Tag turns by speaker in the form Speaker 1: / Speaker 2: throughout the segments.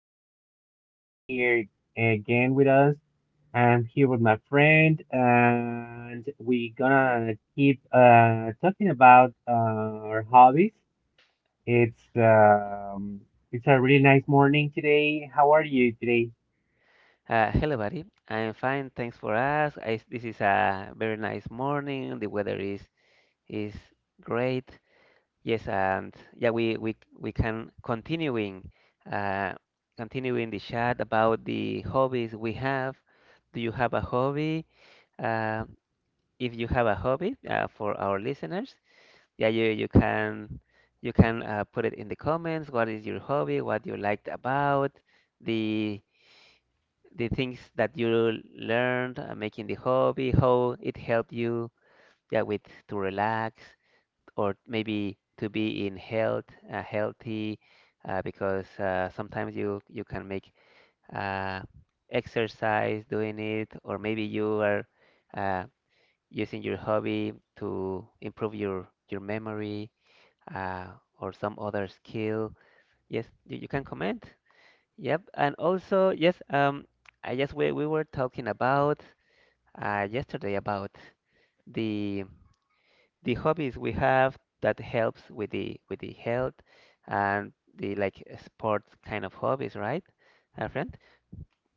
Speaker 1: thank you for being here again with us. I'm here with my friend, and we're gonna keep talking about our hobbies. It's um, it's a really nice morning today. How are you today?
Speaker 2: Hello, buddy. I'm fine, thanks for us. This is a very nice morning. The weather is great. Yes, and yeah, we can uh, continuing the chat about the hobbies we have. Do you have a hobby? Uh, if you have a hobby, for our listeners, yeah, you can put it in the comments. What is your hobby? What you liked about the the things that you learned, making the hobby, how it helped you, yeah, with to relax, or maybe to be in health, healthy, because sometimes you can make, uh, exercise doing it, or maybe you are uh, using your hobby to improve your memory, uh, or some other skill. Yes, you can comment. Yep, and also yes, I just we were talking about yesterday about the the hobbies we have that helps with the health, and the like sports kind of hobbies, right, our friend?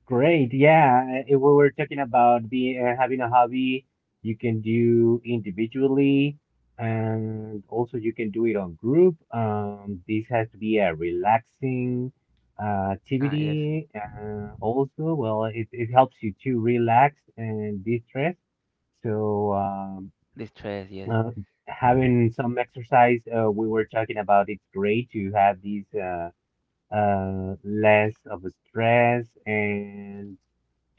Speaker 1: Great. Yeah. If we were talking about having a hobby you can do individually, and also you can do it on group. This has to be a relaxing
Speaker 2: Ah, yes,
Speaker 1: activity. Also, well, it helps you to relax and de-stress. So,
Speaker 2: the stress, yes,
Speaker 1: uh, having some exercise, we were talking about it's great to have these. Less of a stress. And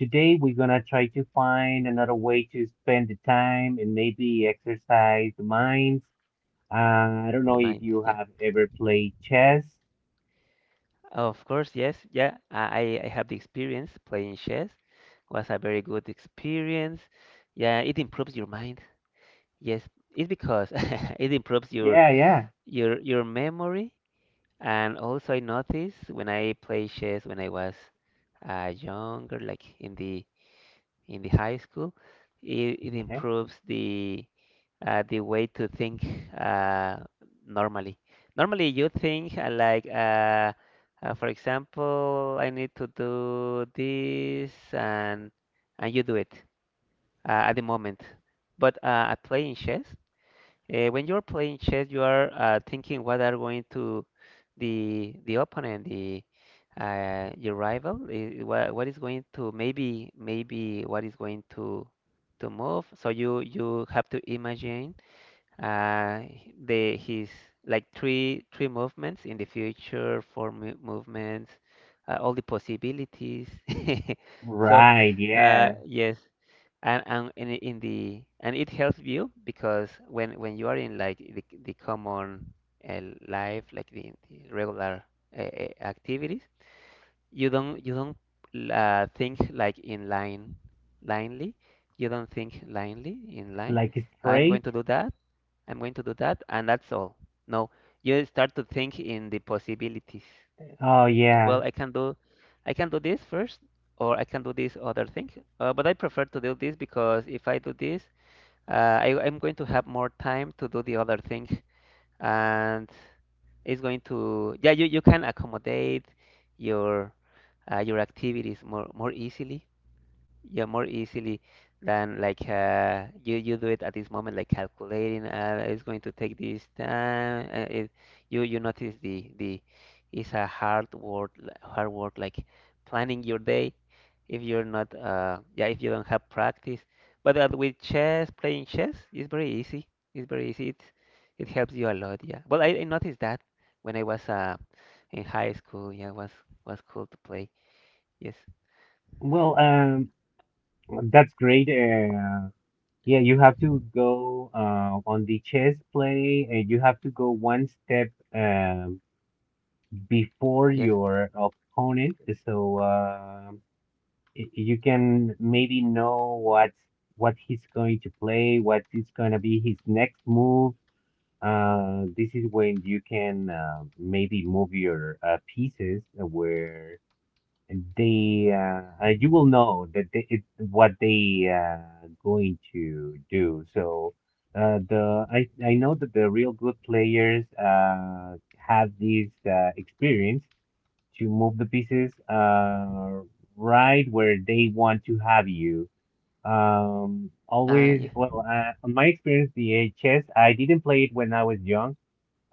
Speaker 1: today we're gonna try to find another way to spend the time and maybe exercise the minds. I don't
Speaker 2: the
Speaker 1: know if
Speaker 2: mind,
Speaker 1: you
Speaker 2: yeah.
Speaker 1: have ever played chess.
Speaker 2: Of course, yes, yeah. I have the experience playing chess. Was a very good experience. Yeah, it improves your mind. Yes, it's because it improves your
Speaker 1: Yeah, yeah.
Speaker 2: your your memory. And also I noticed when I played chess when I was younger, like in the high school, it
Speaker 1: Okay.
Speaker 2: improves the, the way to think. Uh, normally normally you think, like, for example, I need to do this, and you do it at the moment. But at playing chess when you're playing chess, you are thinking what are going to the opponent, the your rival, what is going to, maybe what is going to move. So you have to imagine, uh, the his like three movements in the future, four mo movements, all the possibilities. So
Speaker 1: Right, yeah.
Speaker 2: yes. And and in, in the and it helps you because when you are in, like, the common uh, life, like the regular, activities. You don't think like in line linely. You don't think linely in line.
Speaker 1: Like
Speaker 2: I'm going
Speaker 1: straight.
Speaker 2: to do that I'm going to do that and that's all. No, you start to think in the possibilities.
Speaker 1: Oh yeah.
Speaker 2: Well, I can do this first, or I can do this other thing. But I prefer to do this because if I do this, uh, I'm going to have more time to do the other thing, and it's going to, yeah, you can accommodate your, your activities more easily, yeah, more easily than like, you do it at this moment, like calculating, it's going to take this time, you notice the, it's a hard work. Hard work, like planning your day if you're not, yeah, if you don't have practice. But with chess, playing chess is very easy. It's very easy. It helps you a lot. Yeah, well, I noticed that when I was in high school. Yeah, was cool to play. Yes.
Speaker 1: Well, that's great. Yeah, you have to go on the chess play, and you have to go one step um before
Speaker 2: Yes.
Speaker 1: your opponent, so you can maybe know what he's going to play, what is going to be his next move. This is when you can maybe move your pieces where they you will know that what they going to do. So the I know that the real good players have this experience to move the pieces right where they want to have you.
Speaker 2: Ah,
Speaker 1: Always,
Speaker 2: yeah.
Speaker 1: well, on my experience, the chess, I didn't play it when I was young.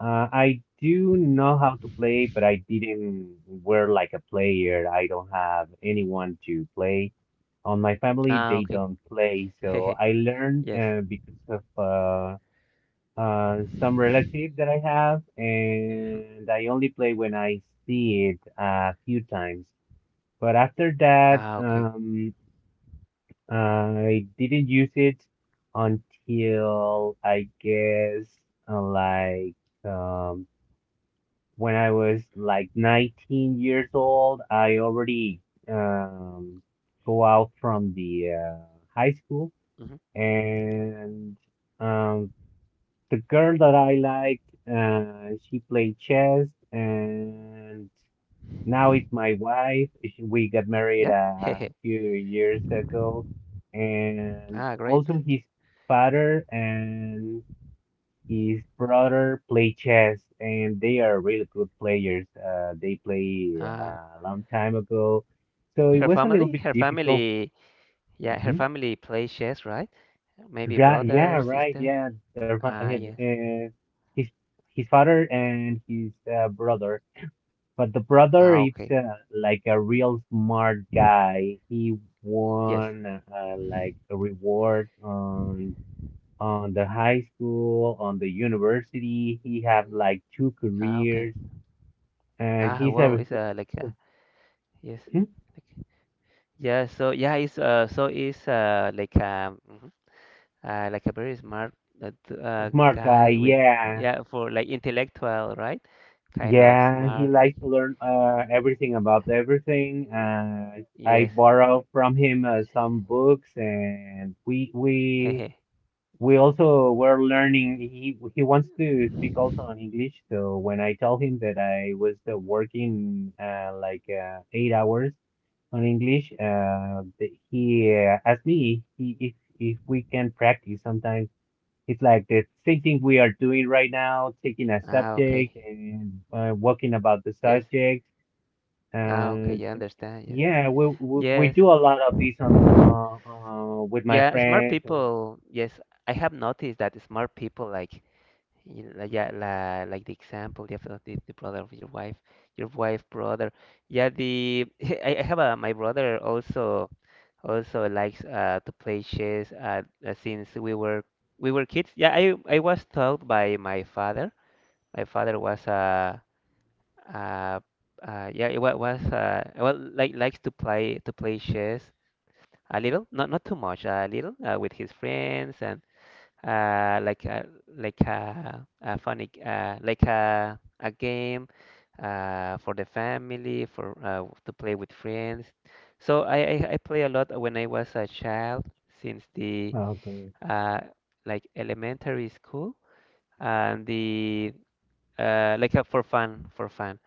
Speaker 1: I do know how to play, but I didn't were like a player. I don't have anyone to play. On my family,
Speaker 2: Ah,
Speaker 1: they
Speaker 2: okay.
Speaker 1: don't play, so
Speaker 2: Hehe.
Speaker 1: I learned
Speaker 2: Yes.
Speaker 1: because of some relative that I have, and I only play when I see it a few times. But after that,
Speaker 2: Ah, okay.
Speaker 1: I didn't use it until I guess uh, like um, when I was like 19 years old. I already um, go out from the high school,
Speaker 2: Hmm.
Speaker 1: and um, the girl that I liked, she played chess, and now it's my wife. We got married
Speaker 2: Yep.
Speaker 1: a
Speaker 2: Hehe.
Speaker 1: few years ago, and
Speaker 2: Ah, great.
Speaker 1: also his father and his brother play chess, and they are really good players. They play
Speaker 2: Ah,
Speaker 1: a long time ago, so it
Speaker 2: her
Speaker 1: was a little
Speaker 2: family?
Speaker 1: bit
Speaker 2: Her
Speaker 1: difficult.
Speaker 2: family. Yeah, her
Speaker 1: Mhm.
Speaker 2: family plays chess, right? Maybe
Speaker 1: Yeah, yeah,
Speaker 2: brother,
Speaker 1: right,
Speaker 2: sister.
Speaker 1: yeah. Their fa-
Speaker 2: Ah, yes.
Speaker 1: his his father and his brother. But the brother
Speaker 2: Ah,
Speaker 1: it's
Speaker 2: okay.
Speaker 1: like a real smart guy. He
Speaker 2: Yes.
Speaker 1: won like a reward on the high school, on the university. He have like two
Speaker 2: Ah, okay.
Speaker 1: careers, and
Speaker 2: Ah, wow. It's
Speaker 1: he's
Speaker 2: like,
Speaker 1: a,
Speaker 2: yes.
Speaker 1: hmm?
Speaker 2: Like, yeah. So yeah, it's so it's like, mhm, like a very smart,
Speaker 1: A smart guy.
Speaker 2: guy with,
Speaker 1: Yeah,
Speaker 2: yeah, for like intellectual, right? Kind of
Speaker 1: yeah. He
Speaker 2: smart, like,
Speaker 1: likes to learn everything about everything. I
Speaker 2: yes.
Speaker 1: borrow from him some books, and we we
Speaker 2: Hehe.
Speaker 1: we also were learning. He wants to speak also in English. So when I tell him that I was working like 8 hours on English, he asked if we can practice. Sometimes it's like the same thing we are doing right now, taking a
Speaker 2: Ah,
Speaker 1: subject
Speaker 2: okay.
Speaker 1: and working about the
Speaker 2: Yes.
Speaker 1: subject.
Speaker 2: Ah, okay.
Speaker 1: And
Speaker 2: Yeah, I understand. Yes.
Speaker 1: yeah, we
Speaker 2: Yes.
Speaker 1: do a lot of this on with my
Speaker 2: Yeah, smart
Speaker 1: friends. And--
Speaker 2: people. Yes, I have noticed that smart people, like, you know, yeah, la, like the example, the brother of your wife brother. Yeah, the I have a my brother also also likes to play chess, since we were kids. Yeah, I was taught by my father. My father was a. Uh, yeah, it was, well, like likes to play chess a little, not not too much, a little, with his friends, and uh, like uh, a funny g- like a game, for the family, for, to play with friends. So I I play a lot when I was a child since the
Speaker 1: Oh, great.
Speaker 2: uh, like elementary school and the like, for fun, for fun.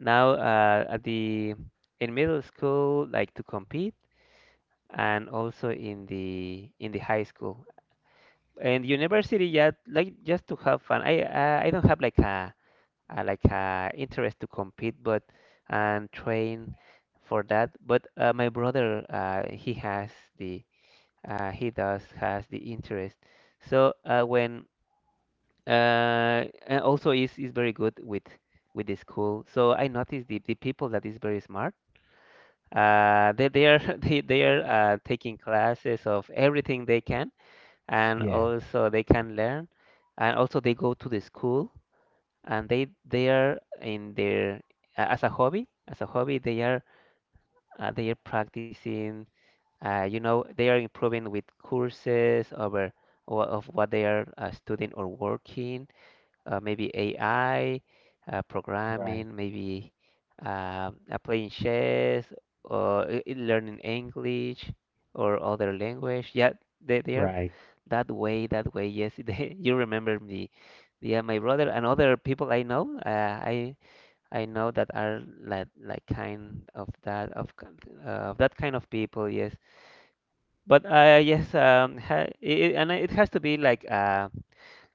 Speaker 2: Now, at the, in middle school, like to compete, and also in the high school and university. Yeah, like just to have fun. I I don't have like a like a interest to compete, but and train for that. But my brother, he has the, he does has the interest. So, when and also is very good with the school. So I noticed the people that is very smart. They are they are taking classes of everything they can, and
Speaker 1: Yeah.
Speaker 2: also they can learn, and also they go to the school and they are in their, as a hobby they are practicing. You know, they are improving with courses over of what they are studying or working, maybe AI,
Speaker 1: Right,
Speaker 2: programming, maybe playing chess, or learning English or other language. Yeah, they are
Speaker 1: right.
Speaker 2: that way, that way. Yes, they, you remember me. Yeah, my brother and other people I know, I know that are like kind of that of of that kind of people. Yes, but yes, ha, I and it has to be like, uh,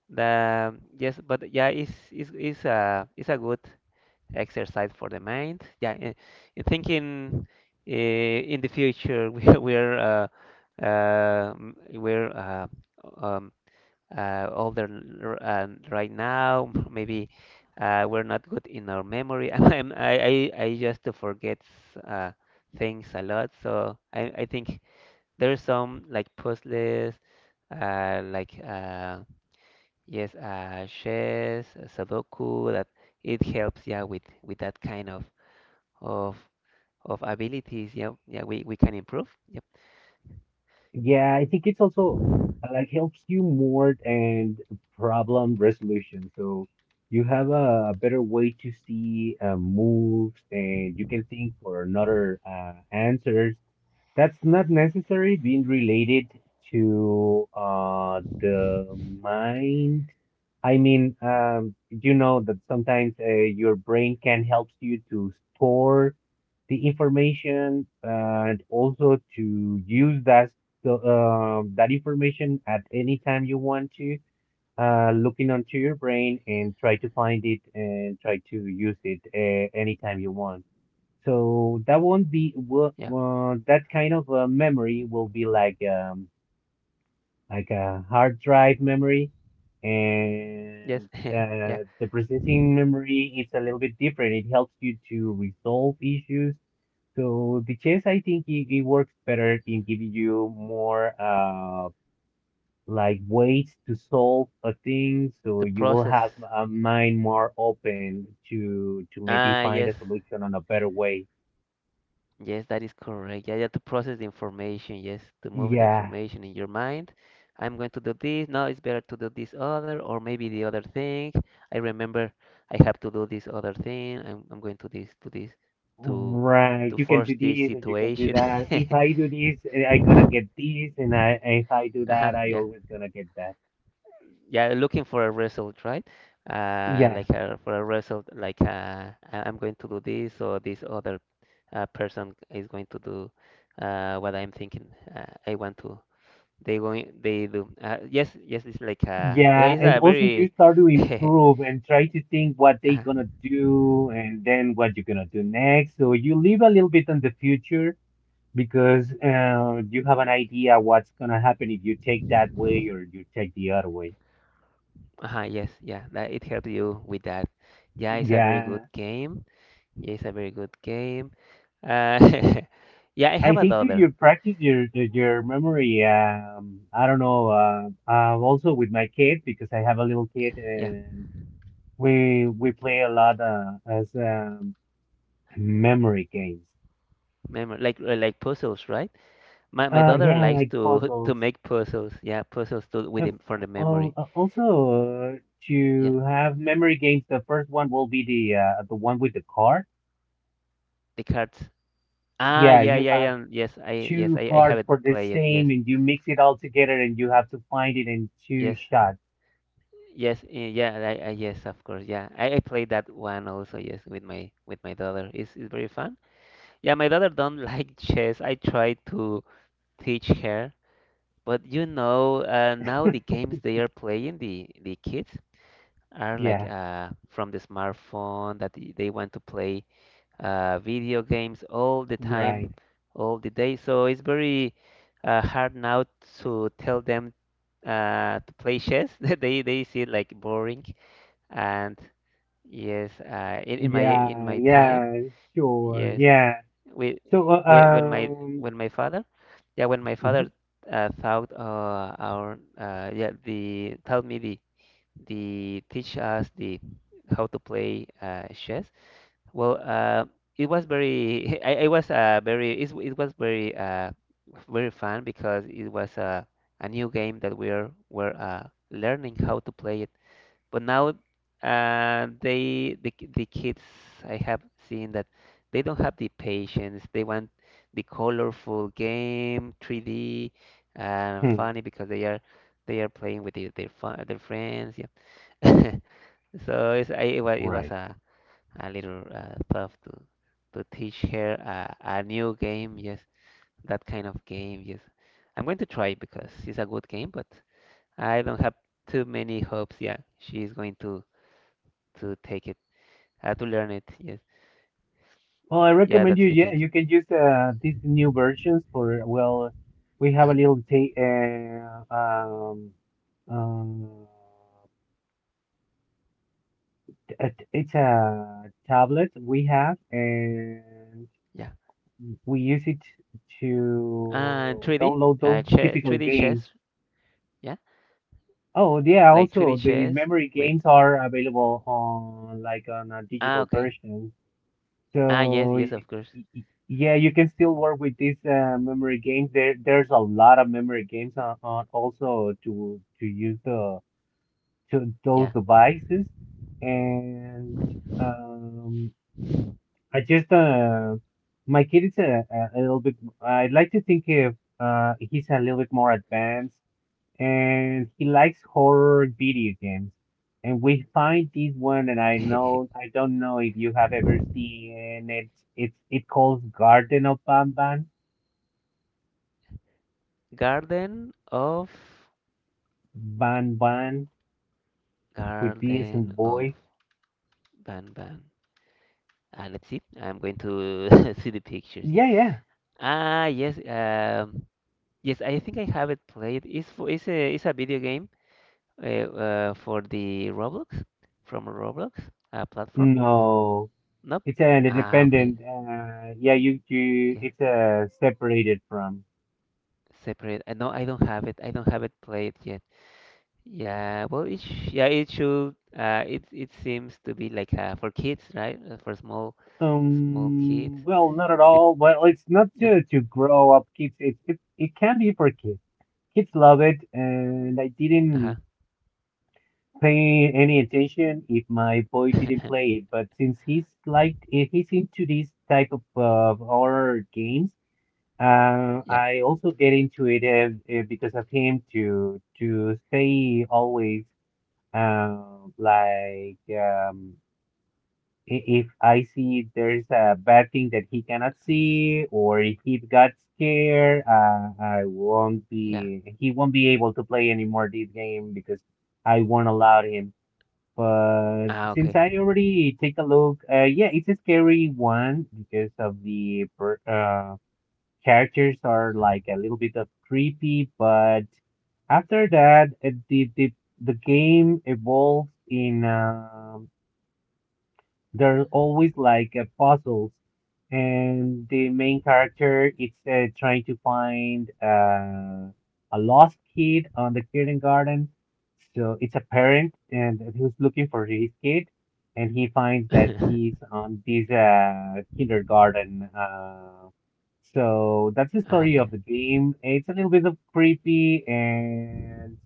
Speaker 2: the yes, but yeah, it's a good exercise for the mind. Yeah, in thinking in the future, we we're, we're, um, older, right now. Maybe we're not good in our memory. I'm, I just forget uh, things a lot. So I think there's some like puzzles, uh, like. Uh, yes, chess, Sudoku, that it helps, yeah, with that kind of of abilities. Yeah, yeah, we can improve. Yep.
Speaker 1: Yeah, I think it's also like helps you more and problem resolution. So you have a better way to see moves and you can think for another answers. That's not necessarily being related to the mind. I mean, you know that sometimes your brain can help you to store the information and also to use that so, that information at any time you want to, looking onto your brain and try to find it and try to use it anytime you want. So that won't be
Speaker 2: Yeah.
Speaker 1: that kind of memory will be like a hard drive memory,
Speaker 2: Yes.
Speaker 1: and
Speaker 2: Yeah.
Speaker 1: the processing memory it's a little bit different. It helps you to resolve issues. So the chess, I think it works better in giving you more like ways to solve a thing. So
Speaker 2: The
Speaker 1: you will
Speaker 2: process.
Speaker 1: have a mind more open to maybe
Speaker 2: Ah,
Speaker 1: find a
Speaker 2: yes.
Speaker 1: solution on a better way.
Speaker 2: Yes, that is correct. Yeah, yeah, to process the information. Yes, to move the
Speaker 1: Yeah.
Speaker 2: information in your mind. I'm going to do this. Now it's better to do this other, or maybe the other thing. I remember I have to do this other thing. I'm going to this, to this, to
Speaker 1: Right,
Speaker 2: to
Speaker 1: you can
Speaker 2: force
Speaker 1: do
Speaker 2: this
Speaker 1: this and you can do
Speaker 2: situation.
Speaker 1: that. If I do this, eh, I gonna
Speaker 2: Uh-huh,
Speaker 1: get this, and I if I do that, I
Speaker 2: yeah.
Speaker 1: always gonna get that.
Speaker 2: Yeah, looking for a result, right?
Speaker 1: Yeah,
Speaker 2: Like for a result, like, I'm going to do this, or this other person is going to do what I'm thinking. I want to. They going. They do. Yes, yes. It's like, yeah,
Speaker 1: yeah,
Speaker 2: it's
Speaker 1: and
Speaker 2: a
Speaker 1: also you
Speaker 2: very.
Speaker 1: start to
Speaker 2: Uh-huh,
Speaker 1: improve and try to think what they gonna do and then what you're gonna do next. So you live a little bit on the future because you have an idea what's gonna happen if you take that way or you take the other way.
Speaker 2: uh-huh, yes, yeah. That it helps you with that. Yeah, it's a very good
Speaker 1: Yeah.
Speaker 2: game. Yeah, it's a very good game. Uh, yeah, I
Speaker 1: I
Speaker 2: have
Speaker 1: think that
Speaker 2: another.
Speaker 1: you practice your your memory. I don't know. Also with my kid because I have a little kid
Speaker 2: Yeah.
Speaker 1: and we play a lot as memory games.
Speaker 2: Memory, like, like puzzles, right? My daughter
Speaker 1: Yeah,
Speaker 2: likes
Speaker 1: like
Speaker 2: to
Speaker 1: puzzles.
Speaker 2: to make puzzles. Yeah, puzzles to with
Speaker 1: Uh,
Speaker 2: him for the
Speaker 1: Well,
Speaker 2: memory.
Speaker 1: also uh,
Speaker 2: Yeah,
Speaker 1: to have memory games, the first one will be the one with the card.
Speaker 2: the cards. Ah,
Speaker 1: Yeah,
Speaker 2: yeah,
Speaker 1: you
Speaker 2: yeah,
Speaker 1: have
Speaker 2: yeah. Yes,
Speaker 1: two
Speaker 2: I have
Speaker 1: cards
Speaker 2: it
Speaker 1: for the
Speaker 2: play it. Yes,
Speaker 1: same, and you mix it all together, and you have to find it in two
Speaker 2: yes,
Speaker 1: shots.
Speaker 2: yes. Eh, yeah, I yes, of course. Yeah, I played that one also. Yes, with my daughter. It's very fun. Yeah, my daughter don't like chess. I tried to teach her, but you know, now the games they are playing the kids are like,
Speaker 1: Yeah,
Speaker 2: from the smartphone that they want to play video games all the
Speaker 1: right.
Speaker 2: time, all the day. So it's very hard now to tell them to play chess. They see it like boring. And yes, in
Speaker 1: Yeah,
Speaker 2: my time,
Speaker 1: yeah, sure,
Speaker 2: yes,
Speaker 1: yeah.
Speaker 2: we,
Speaker 1: So,
Speaker 2: we when my when my father, yeah, when my
Speaker 1: mhm,
Speaker 2: father thought our yeah the told me the they teach us the how to play chess. Well, it was very. I was very. It was very, very fun because it was a new game that we are, were learning how to play it. But now they the the kids, I have seen that they don't have the patience. They want the colorful game, 3D, and
Speaker 1: hmm,
Speaker 2: funny because they are playing with their, fun, their friends. Yeah. So it's, it was
Speaker 1: right.
Speaker 2: a little, tough to teach her a new game. Yes, that kind of game. Yes, I'm going to try because it's a good game, but I don't have too many hopes. Yeah, she is going to take it, to learn it. Yes,
Speaker 1: Well, I
Speaker 2: yeah,
Speaker 1: recommend
Speaker 2: that's
Speaker 1: you.
Speaker 2: the
Speaker 1: Yeah,
Speaker 2: thing.
Speaker 1: you can use these new versions for. Well, we have a
Speaker 2: uh
Speaker 1: little um, it's a tablet we have, and
Speaker 2: Yeah,
Speaker 1: we use it
Speaker 2: and
Speaker 1: to
Speaker 2: 3D,
Speaker 1: download those
Speaker 2: che
Speaker 1: typical
Speaker 2: 3D
Speaker 1: games.
Speaker 2: chess. Yeah,
Speaker 1: Oh yeah,
Speaker 2: like
Speaker 1: also
Speaker 2: 3D
Speaker 1: the
Speaker 2: chess
Speaker 1: memory
Speaker 2: with.
Speaker 1: games are available on like on a
Speaker 2: Ah,
Speaker 1: digital
Speaker 2: okay.
Speaker 1: version.
Speaker 2: Ah, yes,
Speaker 1: So
Speaker 2: yes, of course.
Speaker 1: y- yeah, you can still work with these memory games. There's a lot of memory games on also to use the to those
Speaker 2: Yeah.
Speaker 1: devices. And um, I just my kid is a little bit. I'd like to think if he's a little bit more advanced and he likes horror video games. And we find this one, and I don't know if you have ever seen it. It's it calls Garden of Banban,
Speaker 2: Garden of
Speaker 1: Banban with B as in
Speaker 2: Garden of
Speaker 1: boy.
Speaker 2: Banban. Ah, let's see. I'm going to see the pictures. Yeah.
Speaker 1: Yeah, yeah.
Speaker 2: Ah, yes. Yes, I think I have it played. It's a video game, for the Roblox, from Roblox platform.
Speaker 1: No,
Speaker 2: Nope.
Speaker 1: it's an
Speaker 2: Ah, okay.
Speaker 1: independent. Yeah, you you.
Speaker 2: Yeah,
Speaker 1: It's separated from.
Speaker 2: separate. No, I don't have it. I don't have it played yet. Yeah. Well, it sh yeah, it should. It seems to be like, for kids, right? For small small kids.
Speaker 1: Um, well, not at
Speaker 2: The,
Speaker 1: all. Well, it's not
Speaker 2: no,
Speaker 1: to to grow up kids. It can be for kids. Kids love it, and I didn't pay any attention if my boy didn't
Speaker 2: uh-huh.
Speaker 1: play it. But since he's like eh, he's into these type of horror games,
Speaker 2: Yeah,
Speaker 1: I also get into it because of him to stay always uh, like if I see there's a bad thing that he cannot see or if he got scared, I won't
Speaker 2: yeah.
Speaker 1: be he won't be able to play anymore this game because I won't allow him. But
Speaker 2: Ah,
Speaker 1: since
Speaker 2: okay.
Speaker 1: I already take a look, yeah, it's a scary one because of the characters are like a little bit of creepy. But after that, it, the game evolves in they're always like puzzles, and the main character is trying to find a lost kid on the kindergarten. So it's a parent and who's looking for his kid, and he finds that he's on this kindergarten. So that's the
Speaker 2: Ah, okay.
Speaker 1: story of the game. It's a little bit of creepy, and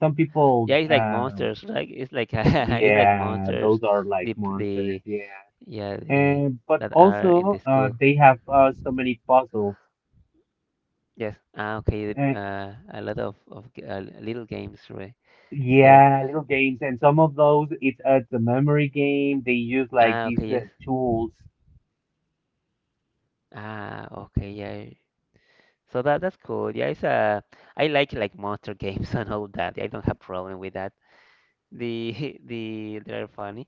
Speaker 1: some
Speaker 2: Yeah,
Speaker 1: people,
Speaker 2: it's like monsters. Like it's like it's like
Speaker 1: yeah,
Speaker 2: monsters.
Speaker 1: those are
Speaker 2: The
Speaker 1: like
Speaker 2: p- the
Speaker 1: monsters. Yeah.
Speaker 2: yeah, the
Speaker 1: And but
Speaker 2: that are in the
Speaker 1: also
Speaker 2: school.
Speaker 1: they have so many puzzles.
Speaker 2: Yes. Ah, okay.
Speaker 1: And
Speaker 2: A lot of little games, right there.
Speaker 1: yeah, little games, and some of those it's a memory game. They use like
Speaker 2: Ah,
Speaker 1: these
Speaker 2: okay. Yes.
Speaker 1: tools.
Speaker 2: Ah, okay. Yeah. So that that's cool. Yeah, it's I like monster games and all that. Yeah, I don't have problem with that. The the they are funny.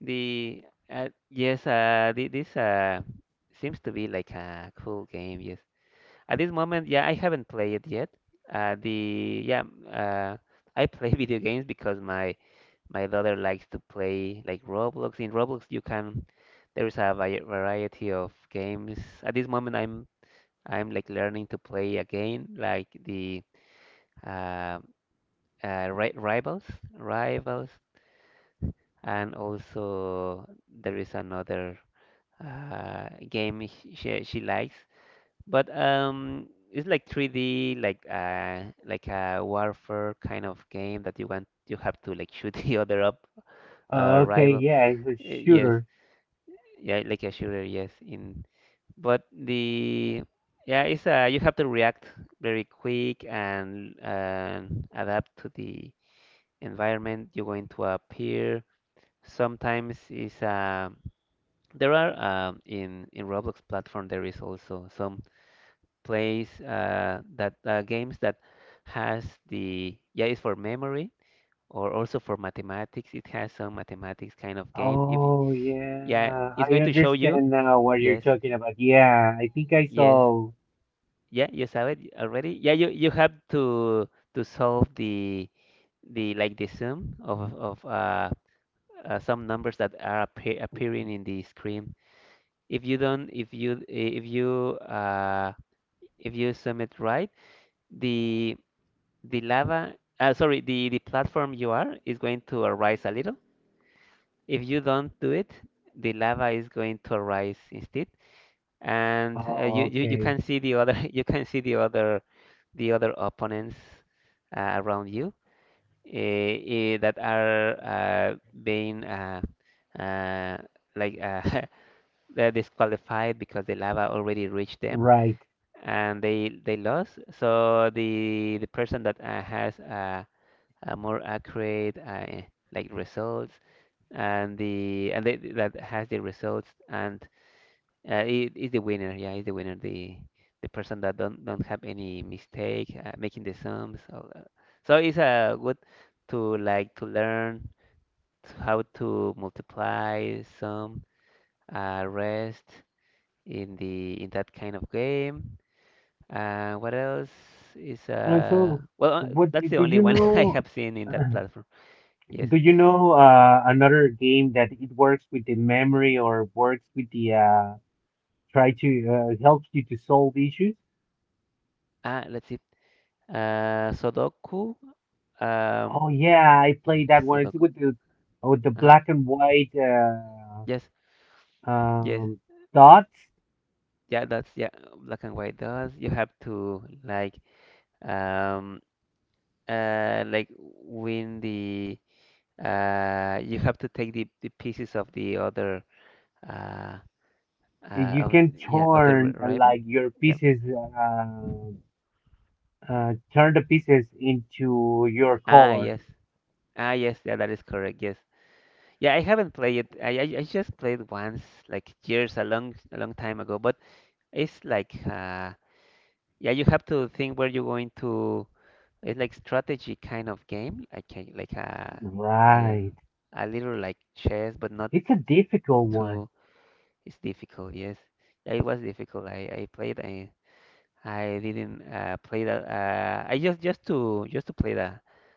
Speaker 2: The yes, this seems to be like a cool game. Yes, at this moment, yeah, I haven't played it yet. The yeah, I play video games because my daughter likes to play like Roblox. In Roblox, you can there is a variety of games. At this moment, I'm like learning to play again, like the uh, ri Rivals, Rivals and also there is another game she likes, but it's like 3D, like a warfare kind of game that you have to like shoot the other up
Speaker 1: Okay,
Speaker 2: rival.
Speaker 1: yeah, it's a
Speaker 2: Yes,
Speaker 1: shooter.
Speaker 2: yeah, like a shooter. Yes, in but the yeah, it's you have to react very quick and adapt to the environment. You go into a pier. Sometimes it's there are in Roblox platform there is also some plays that games that has the yeah, it's for memory or also for mathematics. It has some mathematics kind of game. If
Speaker 1: Oh
Speaker 2: yeah,
Speaker 1: yeah,
Speaker 2: it's
Speaker 1: I
Speaker 2: going to show you.
Speaker 1: understand now what you're
Speaker 2: Yes,
Speaker 1: talking about. Yeah, I think I
Speaker 2: yes,
Speaker 1: saw.
Speaker 2: yeah, you saw it already. Yeah, you have to solve the like the sum of some numbers that are appearing in the screen. If you don't, if you sum it right, the lava, sorry, the platform you are is going to arise a little. If you don't do it, the lava is going to arise instead, and
Speaker 1: Oh,
Speaker 2: you
Speaker 1: okay,
Speaker 2: can see the other you can see the other opponents around you, that are being uh, like they're disqualified because the lava already reached them.
Speaker 1: right.
Speaker 2: And they lost. So the person that has a more accurate like results, and the and they, that has the results. And is the winner. Yeah, is the winner. The person that don't have any mistake making the sums. So, it's good to like to learn to how to multiply, sum, rest in the in that kind of game. What else is
Speaker 1: And so,
Speaker 2: well
Speaker 1: what do
Speaker 2: That's the only
Speaker 1: you
Speaker 2: one I
Speaker 1: know?
Speaker 2: have seen in that platform. Yes.
Speaker 1: Do you know another game that it works with the memory or works with the try to helps you to solve issues.
Speaker 2: Ah, let's see. Sudoku. Um,
Speaker 1: Oh yeah, I played that one. It's
Speaker 2: Sudoku.
Speaker 1: with the
Speaker 2: Uh-huh.
Speaker 1: black and white
Speaker 2: Yes. Yes.
Speaker 1: um, dots.
Speaker 2: Yeah, that's yeah, black and white dots. You have to um like win the you have to take the pieces of the other uh uh
Speaker 1: You
Speaker 2: of
Speaker 1: can
Speaker 2: yeah of the
Speaker 1: turn
Speaker 2: rival.
Speaker 1: like your
Speaker 2: Yeah.
Speaker 1: pieces, turn the pieces into your
Speaker 2: Ah,
Speaker 1: color.
Speaker 2: yes. Ah, yes. Yeah, that is correct. Yes. Yeah, I haven't played it. I just played once, like years, a long time ago. But it's like, yeah, you have to think where you're going to. It's like strategy kind of game, like a a, l-
Speaker 1: Right.
Speaker 2: a little like chess, but not
Speaker 1: It's a difficult
Speaker 2: too.
Speaker 1: one.
Speaker 2: It's difficult. Yes, yeah, it was difficult. I played. I didn't play that. I just to play that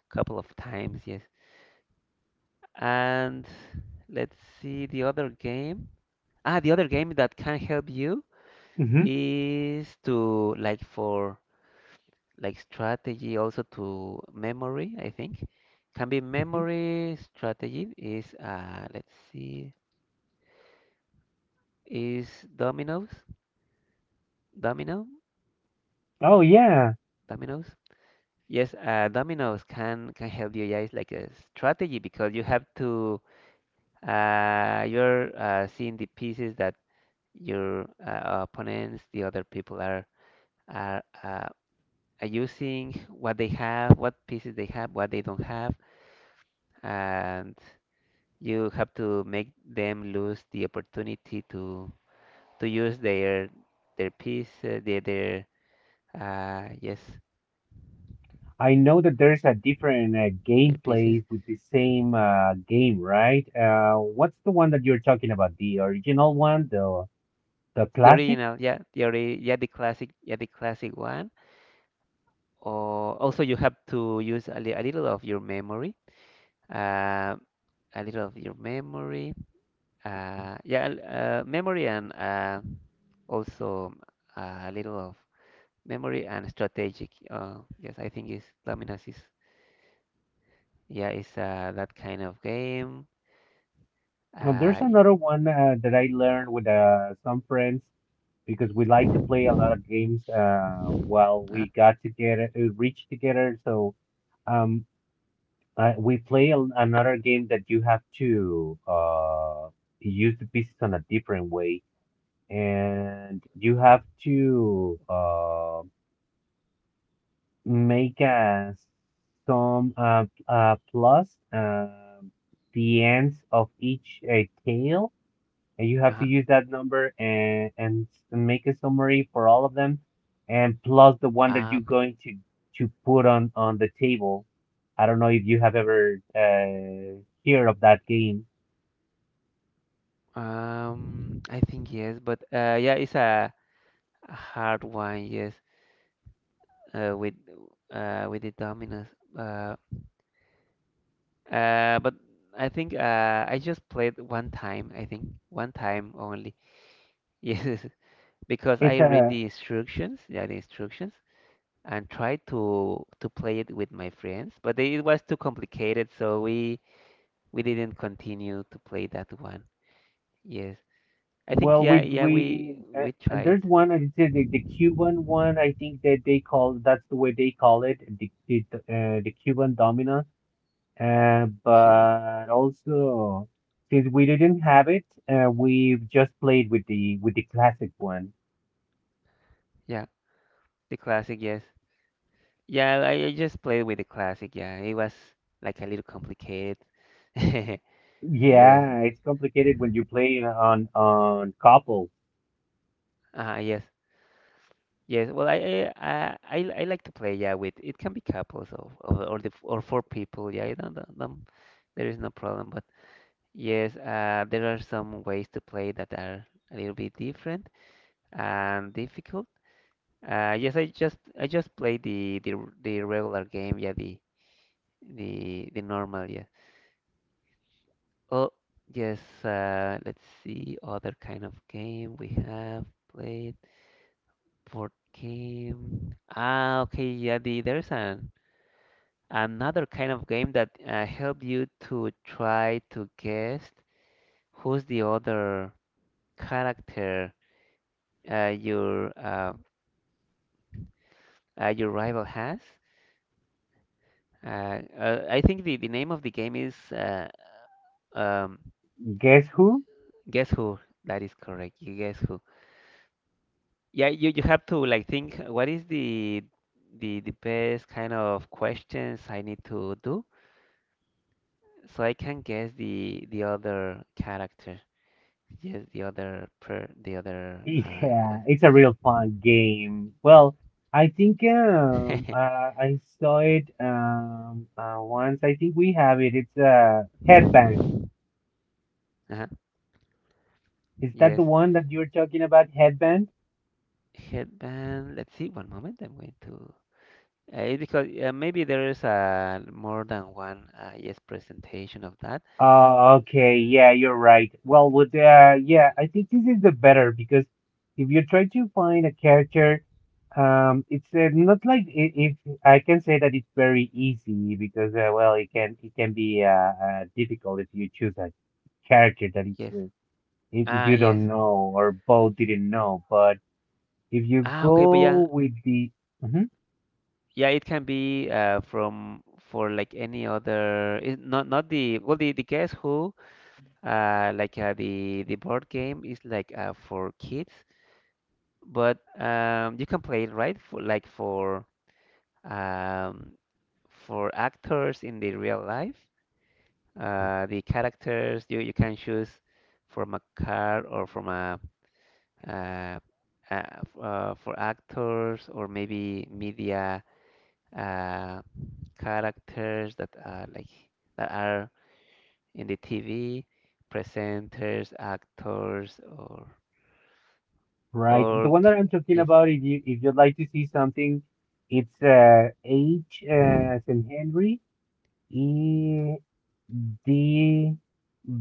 Speaker 2: a couple of times. Yes, and let's see the other game. Ah, the other game that can help you
Speaker 1: Hmm.
Speaker 2: is to like for like strategy, also to memory, I think. Can be memory strategy is let's see is dominoes, domino,
Speaker 1: Oh yeah.
Speaker 2: dominoes. Yes, dominoes can help you. Yeah, it's like a strategy because you have to you're seeing the pieces that your opponents, the other people are using. What they have, what pieces they have, what they don't have, and you have to make them lose the opportunity to use their their yes,
Speaker 1: I know that there's a different
Speaker 2: their pieces.
Speaker 1: gameplays with the same game, right? What's the one that you're talking about? The original one, the
Speaker 2: The
Speaker 1: classic?
Speaker 2: original, yeah, the ori yeah, the classic one. Or also you have to use a little of your memory, uh, a little of your memory, yeah, memory and also a little of memory and strategic. Yes, I think it's Luminous, is yeah, it's that kind of game.
Speaker 1: There's
Speaker 2: Uh, y-
Speaker 1: another one that I learned with some friends because we like to play a lot of games while
Speaker 2: uh-huh,
Speaker 1: we got together, reach together. So um, we play another game that you have to use the pieces on a different way, and you have to. Make some plus the ends of each tail, and you have to
Speaker 2: uh-huh.
Speaker 1: use that number and make a summary for all of them, and plus the one that
Speaker 2: Ah,
Speaker 1: you're
Speaker 2: okay.
Speaker 1: going to put on the table. I don't know if you have ever heard of that game.
Speaker 2: I think yes, but yeah, it's a hard one. Yes, uh, with with the dominoes. Uh, but I think I just played one time. I think one time only. Yes, because
Speaker 1: It's
Speaker 2: I read
Speaker 1: a
Speaker 2: the instructions. Yeah, the instructions. And tried to play it with my friends, but it was too complicated, so we didn't continue to play that one. Yes, I think
Speaker 1: Well,
Speaker 2: yeah,
Speaker 1: we
Speaker 2: yeah
Speaker 1: we
Speaker 2: we tried
Speaker 1: there's one I said the Cuban one. I think that they call that's the way they call it the Cuban Domino. Uh,
Speaker 2: Cuban.
Speaker 1: but also since we didn't have it, we've just played with the classic one.
Speaker 2: Yeah, the classic. Yes, yeah, I just played with the classic. Yeah, it was like a little complicated. Yes,
Speaker 1: Yeah, it's complicated when you play on couple.
Speaker 2: yes, yes. Well, I like to play. Yeah, with it can be couples of or four people. Yeah, I don't- there is no problem. But yes, there are some ways to play that are a little bit different and difficult. Yes, I just play the the regular game, yeah, the the normal, yeah. Oh, yes. Let's see other kind of game we have played. Board game. Ah, okay, yeah. There's an another kind of game that help you to try to guess who's the other character uh, your uh, your rival has. I think the name of the game is um,
Speaker 1: Guess who?
Speaker 2: Guess Who. That is correct. You guess who? Yeah, you have to like think what is the the best kind of questions I need to do so I can guess the other character. Yes, the other uh, yes.
Speaker 1: Yeah, it's a real fun game. Well, I think I saw it once. I think we have it. It's a headband.
Speaker 2: uh-huh.
Speaker 1: Is that the
Speaker 2: Yes.
Speaker 1: one that you're talking about? Headband?
Speaker 2: Headband. Let's see. One moment. I'm going to. It's because maybe there is a more than one yes presentation of that.
Speaker 1: Oh, okay. Yeah, you're right. Well, with yeah, I think this is the better because if you try to find a character, it's not like it. I can say that it's very easy because well, it can be difficult if you choose a character that it's
Speaker 2: Yes.
Speaker 1: it,
Speaker 2: Ah,
Speaker 1: you
Speaker 2: yes.
Speaker 1: don't know or both didn't know. But if you
Speaker 2: Ah, okay, but yeah,
Speaker 1: go with the. Mhm.
Speaker 2: yeah, it can be from for like any other. It's not not the well the Guess Who like the board game is like for kids, but you can play it right for um, for actors in the real life. The characters you can choose from a card or from a uh, uh, for actors or maybe media uh, characters that are like that are in the TV, presenters, actors, or
Speaker 1: Right. The
Speaker 2: or
Speaker 1: one that
Speaker 2: c-
Speaker 1: I'm talking
Speaker 2: yes,
Speaker 1: about, if you if you'd like to see something, it's H, as in Henry, E D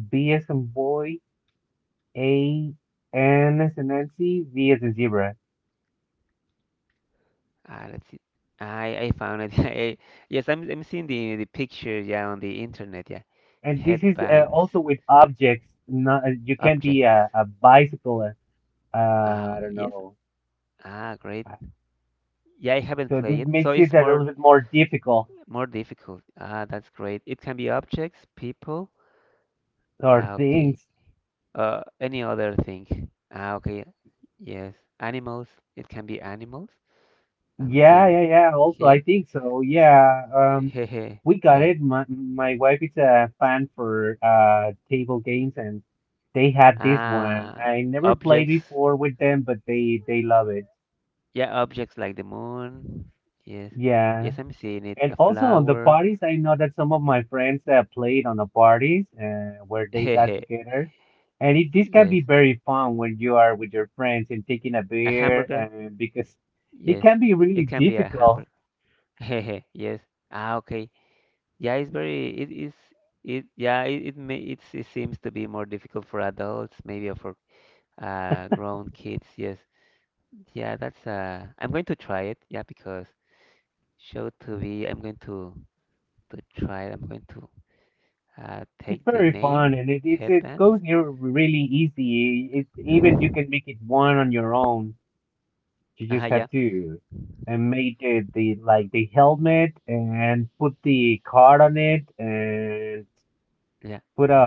Speaker 1: B as in boy, A N as in Nancy, Z as in zebra.
Speaker 2: ah, let's see. I found it. Yes, I'm seeing the picture. Yeah, on the internet. Yeah,
Speaker 1: And this is
Speaker 2: headbands,
Speaker 1: also with objects. Not you can be
Speaker 2: objects.
Speaker 1: a bicycle.
Speaker 2: Ah,
Speaker 1: I
Speaker 2: okay,
Speaker 1: don't
Speaker 2: yes.
Speaker 1: know.
Speaker 2: Ah, great.
Speaker 1: Uh,
Speaker 2: Yeah, I haven't
Speaker 1: So
Speaker 2: played
Speaker 1: this
Speaker 2: it, so
Speaker 1: makes it
Speaker 2: it's
Speaker 1: a
Speaker 2: more.
Speaker 1: little bit more difficult
Speaker 2: More difficult. Ah, that's great. It can be objects, people.
Speaker 1: or
Speaker 2: Ah, okay.
Speaker 1: things.
Speaker 2: Any other thing. Ah, okay. Yes. Animals. It can be animals. I'm
Speaker 1: Yeah,
Speaker 2: seeing
Speaker 1: yeah, yeah. Also, I
Speaker 2: here.
Speaker 1: think so. Yeah,
Speaker 2: Hehe.
Speaker 1: we got
Speaker 2: Yeah.
Speaker 1: it. My wife is a fan for table games, and they had this one.
Speaker 2: Ah,
Speaker 1: I never played
Speaker 2: objects.
Speaker 1: before with them, but they love it.
Speaker 2: Yeah, objects like the moon. Yes.
Speaker 1: Yeah,
Speaker 2: Yes, I'm seeing it.
Speaker 1: and
Speaker 2: A
Speaker 1: also on the
Speaker 2: flower.
Speaker 1: parties, I know that some of my friends played on the parties where they got
Speaker 2: Hehe.
Speaker 1: together, and it, this can
Speaker 2: Yes.
Speaker 1: be very fun when you are with your friends and taking a
Speaker 2: A
Speaker 1: beer,
Speaker 2: hamburger.
Speaker 1: and because it
Speaker 2: Yes.
Speaker 1: can be
Speaker 2: It
Speaker 1: really
Speaker 2: can be a
Speaker 1: difficult
Speaker 2: hamburger. Hehe. Yes. Ah, okay. Yeah, it's very it is it yeah it seems to be more difficult for adults maybe or for uh, grown kids. Yes, yeah, that's uh, I'm going to try it. Yeah, because show to be I'm going to try it. I'm going to uh, take the
Speaker 1: very fun
Speaker 2: name
Speaker 1: and it
Speaker 2: headbands.
Speaker 1: goes here really easy. It even you can make it one on your own. You
Speaker 2: Ah,
Speaker 1: just
Speaker 2: yeah,
Speaker 1: have to and make it the like the helmet and put the card on it and
Speaker 2: yeah,
Speaker 1: put a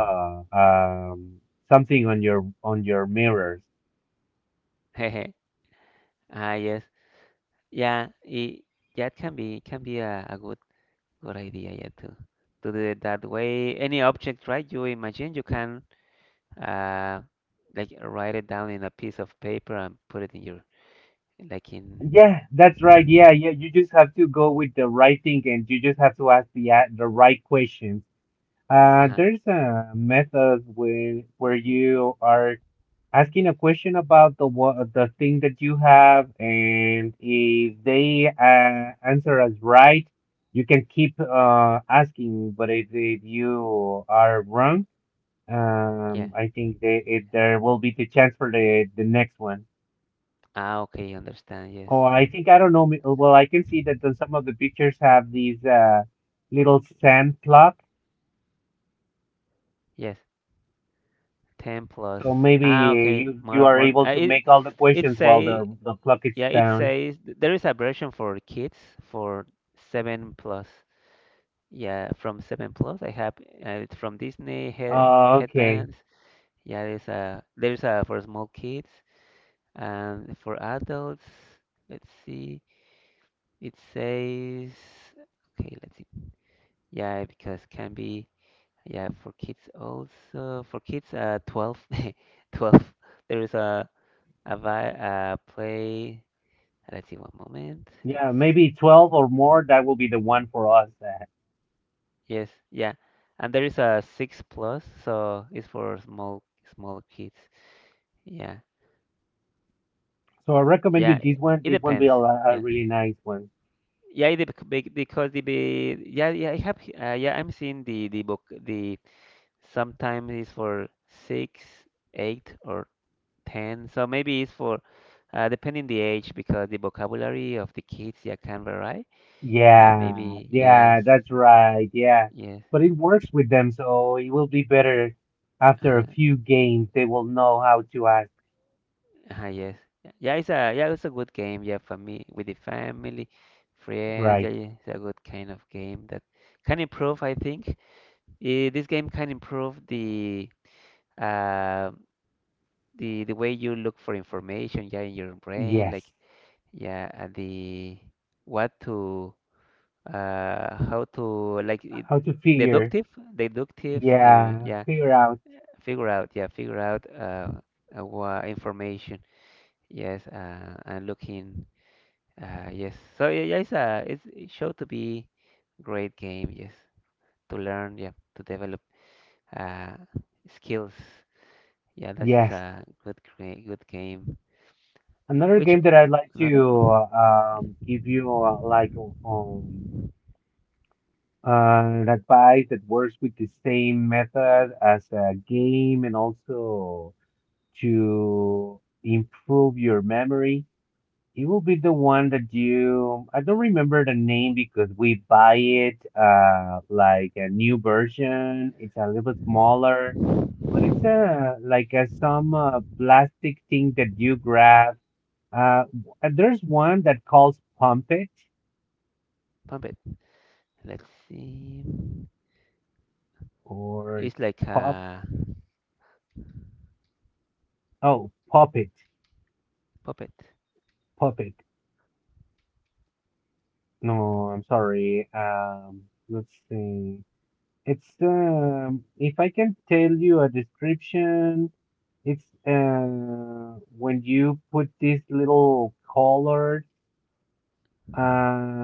Speaker 1: something on your mirrors.
Speaker 2: ah, yes, yeah, it yeah it can be a good good idea, yeah, to do it that way. Any object right you imagine you can. uh, like write it down in a piece of paper and put it in your, like in,
Speaker 1: Yeah, that's right. Yeah, yeah. You just have to go with the right thing, and you just have to ask the right questions. Uh,
Speaker 2: uh-huh,
Speaker 1: there's a method where you are asking a question about the thing that you have, and if they answer as right, you can keep asking. But if you are wrong,
Speaker 2: yeah,
Speaker 1: I think they, it, there will be the chance for the next one.
Speaker 2: ah okay, understand, yes.
Speaker 1: Oh, I think I don't know. Well, I can see that the, some of the pictures have these little sand clock.
Speaker 2: Yes, 10 plus.
Speaker 1: So maybe
Speaker 2: Ah okay,
Speaker 1: you
Speaker 2: more
Speaker 1: are
Speaker 2: more,
Speaker 1: able to
Speaker 2: it
Speaker 1: make all the
Speaker 2: it
Speaker 1: questions while
Speaker 2: say.
Speaker 1: the clock is
Speaker 2: Yeah, it
Speaker 1: down.
Speaker 2: says there is a version for kids, for 7 plus. Yeah, from 7 plus. I have, it's from Disney,
Speaker 1: Oh, okay.
Speaker 2: headbands. Yeah, there's a, there's a for small kids and for adults. Let's see. It says, okay, let's see. Yeah, because can be, yeah, for kids also. For kids, 12, 12. There is a vi play. Let's see, one moment. Let's
Speaker 1: Yeah,
Speaker 2: see.
Speaker 1: maybe 12 or more. That will be the one for us.
Speaker 2: Yes, yeah, and there is a six plus, so it's for small, small kids. Yeah,
Speaker 1: So I recommend
Speaker 2: yeah.
Speaker 1: you this one.
Speaker 2: It
Speaker 1: This one be
Speaker 2: depends.
Speaker 1: a
Speaker 2: Yeah.
Speaker 1: really nice one.
Speaker 2: Yeah, because the be, yeah yeah, yeah I'm seeing the book, the. Sometimes it's for six, eight, or ten. So maybe it's for, depending the age, because the vocabulary of the kids, yeah, can vary.
Speaker 1: Yeah,
Speaker 2: Maybe yes,
Speaker 1: yeah, that's right. Yeah.
Speaker 2: yes,
Speaker 1: But it works with them, so it will be better after a
Speaker 2: uh-huh,
Speaker 1: few games. They will know how to act
Speaker 2: uh-huh, yes. Yeah, it's a, yeah, it's a good game. Yeah, for me with the family, friends. Yeah,
Speaker 1: right.
Speaker 2: yeah, it's a good kind of game that can improve, I think. This game can improve the, uh, the way you look for information. Yeah, in your brain, like.
Speaker 1: Yes.
Speaker 2: Yeah, and the, what to, how to, like it,
Speaker 1: How to figure.
Speaker 2: deductive, deductive,
Speaker 1: Yeah,
Speaker 2: yeah,
Speaker 1: figure out.
Speaker 2: figure out, yeah, figure out, what information, yes, and looking, yes. So yeah, yeah, it's it's, it showed to be great game, yes, to learn, yeah, to develop uh skills. Yeah, this is
Speaker 1: Yes.
Speaker 2: a good gra- good game.
Speaker 1: Another
Speaker 2: which
Speaker 1: game that
Speaker 2: o-
Speaker 1: I'd like
Speaker 2: Another.
Speaker 1: to give you like um, and advice that works with the same method as a game and also to improve your memory. It will be the one that you, I don't remember the name because we buy it like a new version. It's a little bit smaller, but it's
Speaker 2: Mhm.
Speaker 1: a like a some plastic thing that you grab. There's one that calls Pump It
Speaker 2: Pump it, let's see.
Speaker 1: or
Speaker 2: It's like
Speaker 1: Pop.
Speaker 2: a
Speaker 1: Oh, pop it,
Speaker 2: puppet.
Speaker 1: Pop It. No, I'm sorry. Let's see. It's if I can tell you a description, it's when you put these little colored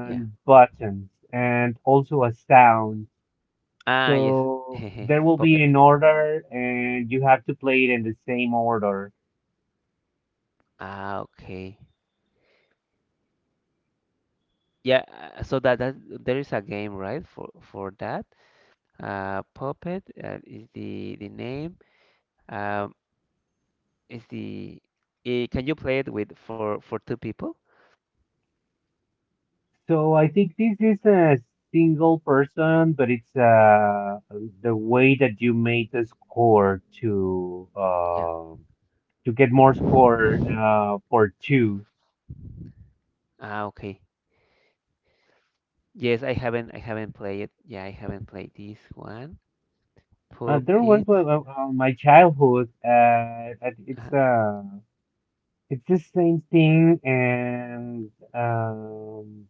Speaker 2: Yeah.
Speaker 1: buttons and also a sound.
Speaker 2: Ah, yes.
Speaker 1: So there will be
Speaker 2: Puppet.
Speaker 1: an order and you have to play it in the same order.
Speaker 2: Ah, okay. Yeah, that there is a game, right, for that. Puppet is the name. Um, is the, can you play it with, for two people?
Speaker 1: So I think this is a single person, but it's the way that you made the score to
Speaker 2: Yeah.
Speaker 1: uh, to get more score for two.
Speaker 2: Ah, okay. Yes, I haven't played it. Yeah, I haven't played this one.
Speaker 1: Uh,
Speaker 2: Poop
Speaker 1: there was
Speaker 2: it.
Speaker 1: one, my childhood. That it's the same thing, and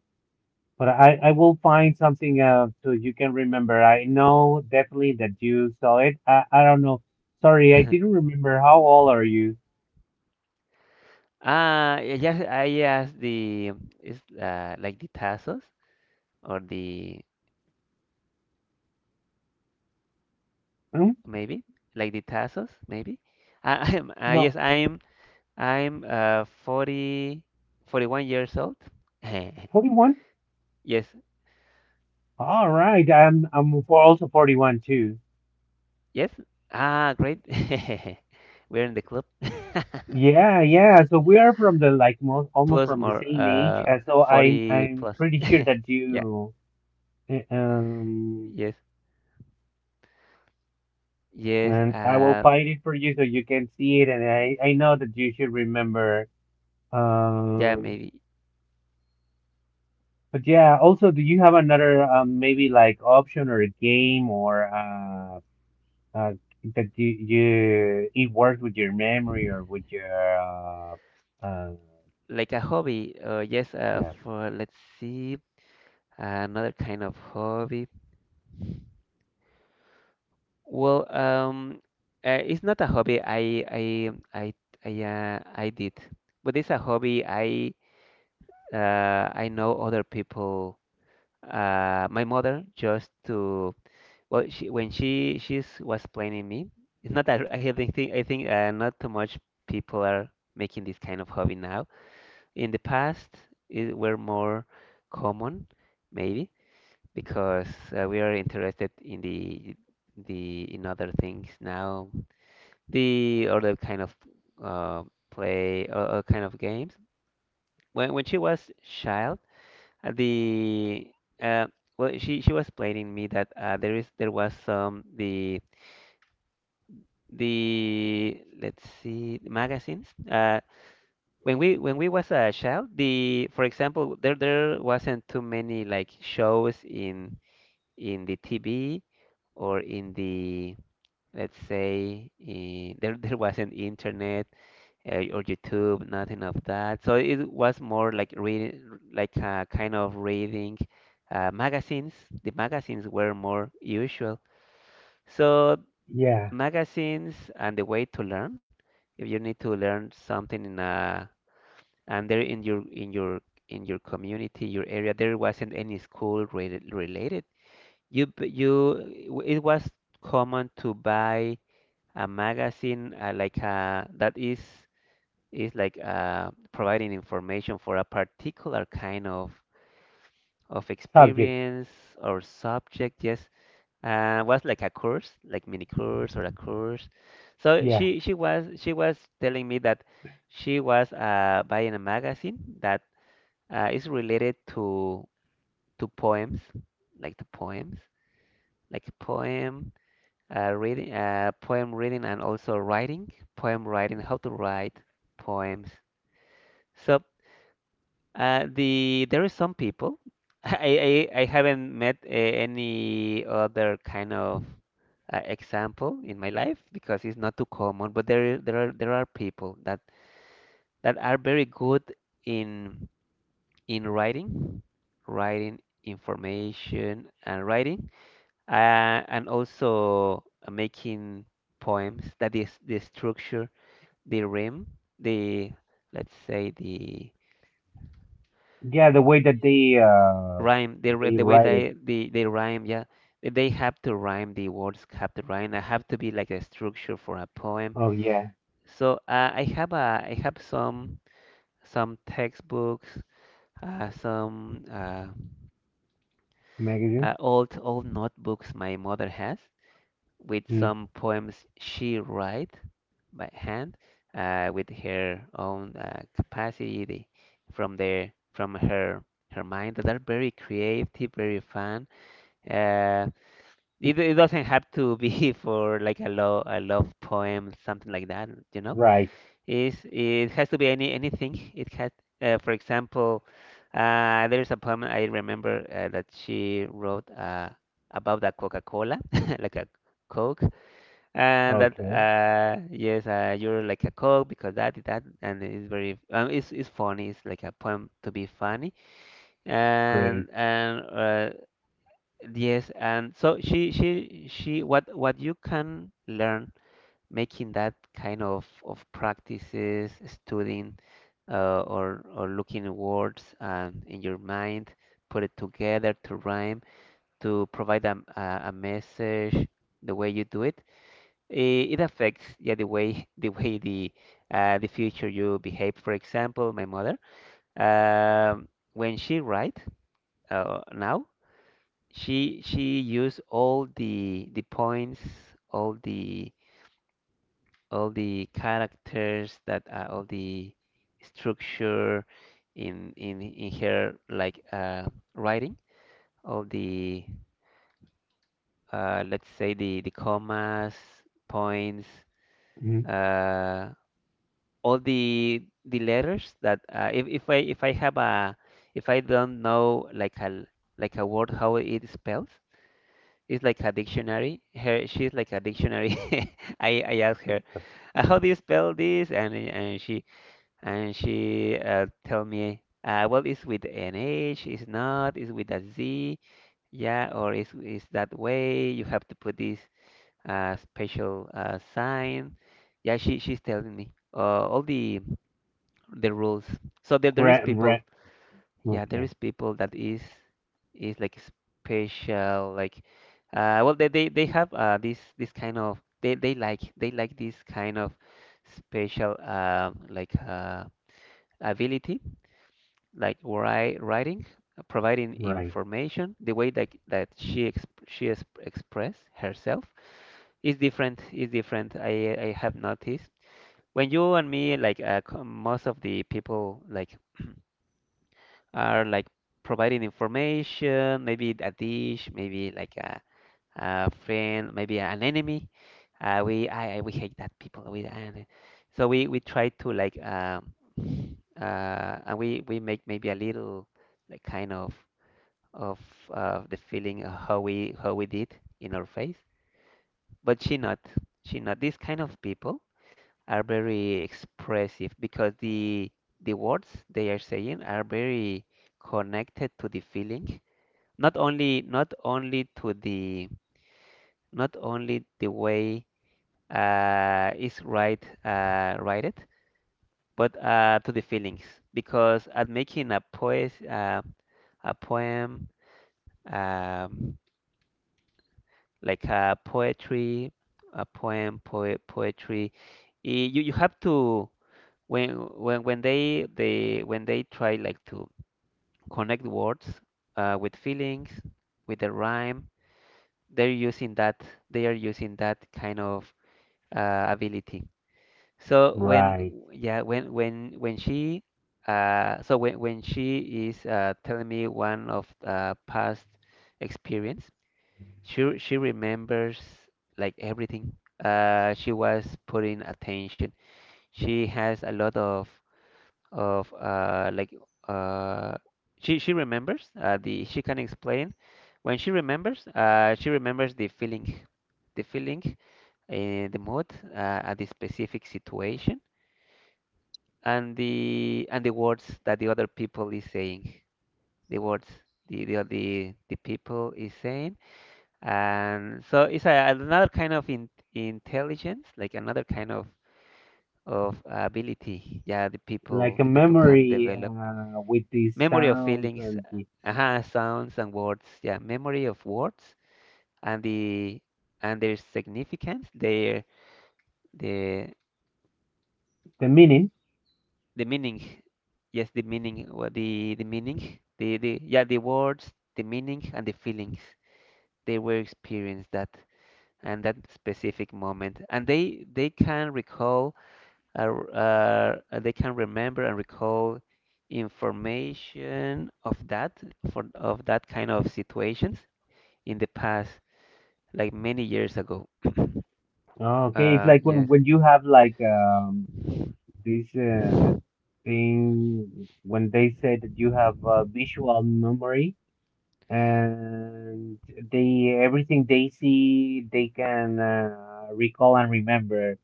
Speaker 1: but I will find something so you can remember. I know definitely that you saw it. I don't know. Sorry, I
Speaker 2: Uh-huh.
Speaker 1: didn't remember. How old are you?
Speaker 2: Ah, yes, I asked the, it's like the tassels, or the,
Speaker 1: Mm,
Speaker 2: maybe like the tassels maybe. I, I'm yes,
Speaker 1: no,
Speaker 2: I'm forty, 41 years old.
Speaker 1: 41?
Speaker 2: Yes.
Speaker 1: All right. I'm also 41 too.
Speaker 2: Yes. Ah great. We're in the club.
Speaker 1: Yeah, yeah. So we are from the like most almost
Speaker 2: Plus
Speaker 1: from the
Speaker 2: more,
Speaker 1: same age. So I'm
Speaker 2: 40
Speaker 1: I'm
Speaker 2: plus.
Speaker 1: pretty sure that
Speaker 2: Yeah,
Speaker 1: you uh, um
Speaker 2: yes, yes,
Speaker 1: and I will find it for you so you can see it and I know that you should remember.
Speaker 2: yeah,
Speaker 1: Um
Speaker 2: maybe
Speaker 1: but yeah, also do you have another maybe like option or a game or uh, that you it works with your memory or with your uh
Speaker 2: like a hobby, yes,
Speaker 1: yeah,
Speaker 2: for, let's see, another kind of hobby. Well, it's not a hobby. I did, but it's a hobby I, I know other people. My mother just to, well, she, when she she's was planning me. It's not that I think, not too much people are making this kind of hobby now. In the past, it were more common, maybe because, we are interested in the in other things now, the other kind of, uh, play, or kind of games. When she was child, the, uh, well, she was playing me that, there was some the, let's see, magazines. When we was a child, the, for example, there wasn't too many like shows in the TV or in the, let's say in, there wasn't internet, or YouTube, nothing of that. So it was more like reading, like, kind of reading, magazines. The magazines were more usual. So
Speaker 1: yeah,
Speaker 2: magazines, and the way to learn. If you need to learn something in, and there in your, in your community, your area, there wasn't any school related. You, it was common to buy a magazine, like, that is. It's like, providing information for a particular kind of
Speaker 1: subject.
Speaker 2: experience or subject. Yes, was like a course, like mini course or a course. So
Speaker 1: Yeah,
Speaker 2: she was telling me that she was, buying a magazine that, is related to, to poems, to poems, like a poem, reading, poem reading, and also writing, poem writing, how to write poems. So. The, there is some people. I haven't met, any other kind of, example in my life, because it's not too common. But there, there are people that, that are very good in in writing, writing information and writing, and also, making poems. That is the structure, the rhyme, the, let's say the,
Speaker 1: yeah, the way that they
Speaker 2: the way
Speaker 1: write it.
Speaker 2: they rhyme, yeah, they have to rhyme, the words have to rhyme, I have to be like a structure for a poem.
Speaker 1: Oh, yeah.
Speaker 2: So, I have some textbooks, some,
Speaker 1: Magazine.
Speaker 2: old notebooks my mother has, with
Speaker 1: Mm,
Speaker 2: some poems she write by hand, with her own, capacity the, from her, her mind, that are very creative, very fun, uh, it, it doesn't have to be for like a love poem, something like that, you know.
Speaker 1: right.
Speaker 2: It's, it has to be any, anything. It has, for example, there's a poem I remember, that she wrote, about the Coca-Cola, like a Coke, and that,
Speaker 1: Okay,
Speaker 2: yes, you're like a Coke because that, and it's very, it's funny. It's like a poem to be funny,
Speaker 1: great.
Speaker 2: and, yes, and so she, what you can learn making that kind of practices, studying, or looking at words, and in your mind, put it together to rhyme, to provide a message, the way you do it, it, it affects, yeah, the way the way the, the future you behave. For example, my mother, um, when she write, now she used all the points, all the, all the characters that, all the structure in, her like, writing, all the, let's say the commas, points,
Speaker 1: Mm,
Speaker 2: uh, all the letters that, if I have a, if I don't know like a, like a word, how it spells. It's like a dictionary. Her, she's like a dictionary. I asked her, how do you spell this? And, and she, tell me, well, it's with an H, it's not, it's with a Z, yeah, or it's that way. You have to put this, special, sign. Yeah, she, she's telling me, all the rules. So there is
Speaker 1: gra-
Speaker 2: people.
Speaker 1: ra-
Speaker 2: Yeah, there
Speaker 1: okay,
Speaker 2: is people that is like special, like, well, they have, this, this kind of, they like this kind of special, like, ability, like write, writing, providing
Speaker 1: right,
Speaker 2: information, the way that, that she exp express herself, is different I have noticed, when you and me, like, most of the people like are like providing information, maybe a dish, maybe like a friend, maybe an enemy. I, we hate that people. We, and so we try to like, and we make maybe a little, like kind of, the feeling of how we did, in our face. But she not, she not. These kind of people are very expressive, because the words they are saying are very connected to the feeling, not only to the, not only the way, is right, write it, but, to the feelings. Because at making a poem, um, like a poetry, a poem poe poetry, i- you, you have to, when when they when they try like to connect words, with feelings, with the rhyme. They're using that, they are using that kind of, ability. So when,
Speaker 1: right,
Speaker 2: yeah, when she, when she is, telling me one of, past experience, she remembers like everything, she was putting attention, she has a lot of, like, uh, she remembers, the, she can explain, when she remembers, she remembers the feeling, the feeling, the mood, uh, at the specific situation, and the, and the words that the other people is saying, the words, the, the people is saying. And so it's a, another kind of intelligence, like another kind of ability. Yeah,
Speaker 1: like a
Speaker 2: the people can
Speaker 1: memory
Speaker 2: develop
Speaker 1: with the
Speaker 2: memory of
Speaker 1: sounds
Speaker 2: feelings,
Speaker 1: and the
Speaker 2: sounds and words. Yeah, memory of words and the, and their significance, their, the
Speaker 1: the meaning.
Speaker 2: the meaning. Yes, the meaning, what the meaning, the yeah, the words, the meaning and the feelings they were experienced that and that specific moment, and they can recall, they can remember and recall information of that for of that kind of situations in the past, like many years ago.
Speaker 1: Oh, okay, it's
Speaker 2: Uh,
Speaker 1: like when
Speaker 2: yes,
Speaker 1: you have like this thing when they said that you have a visual memory and they everything they see they can recall and remember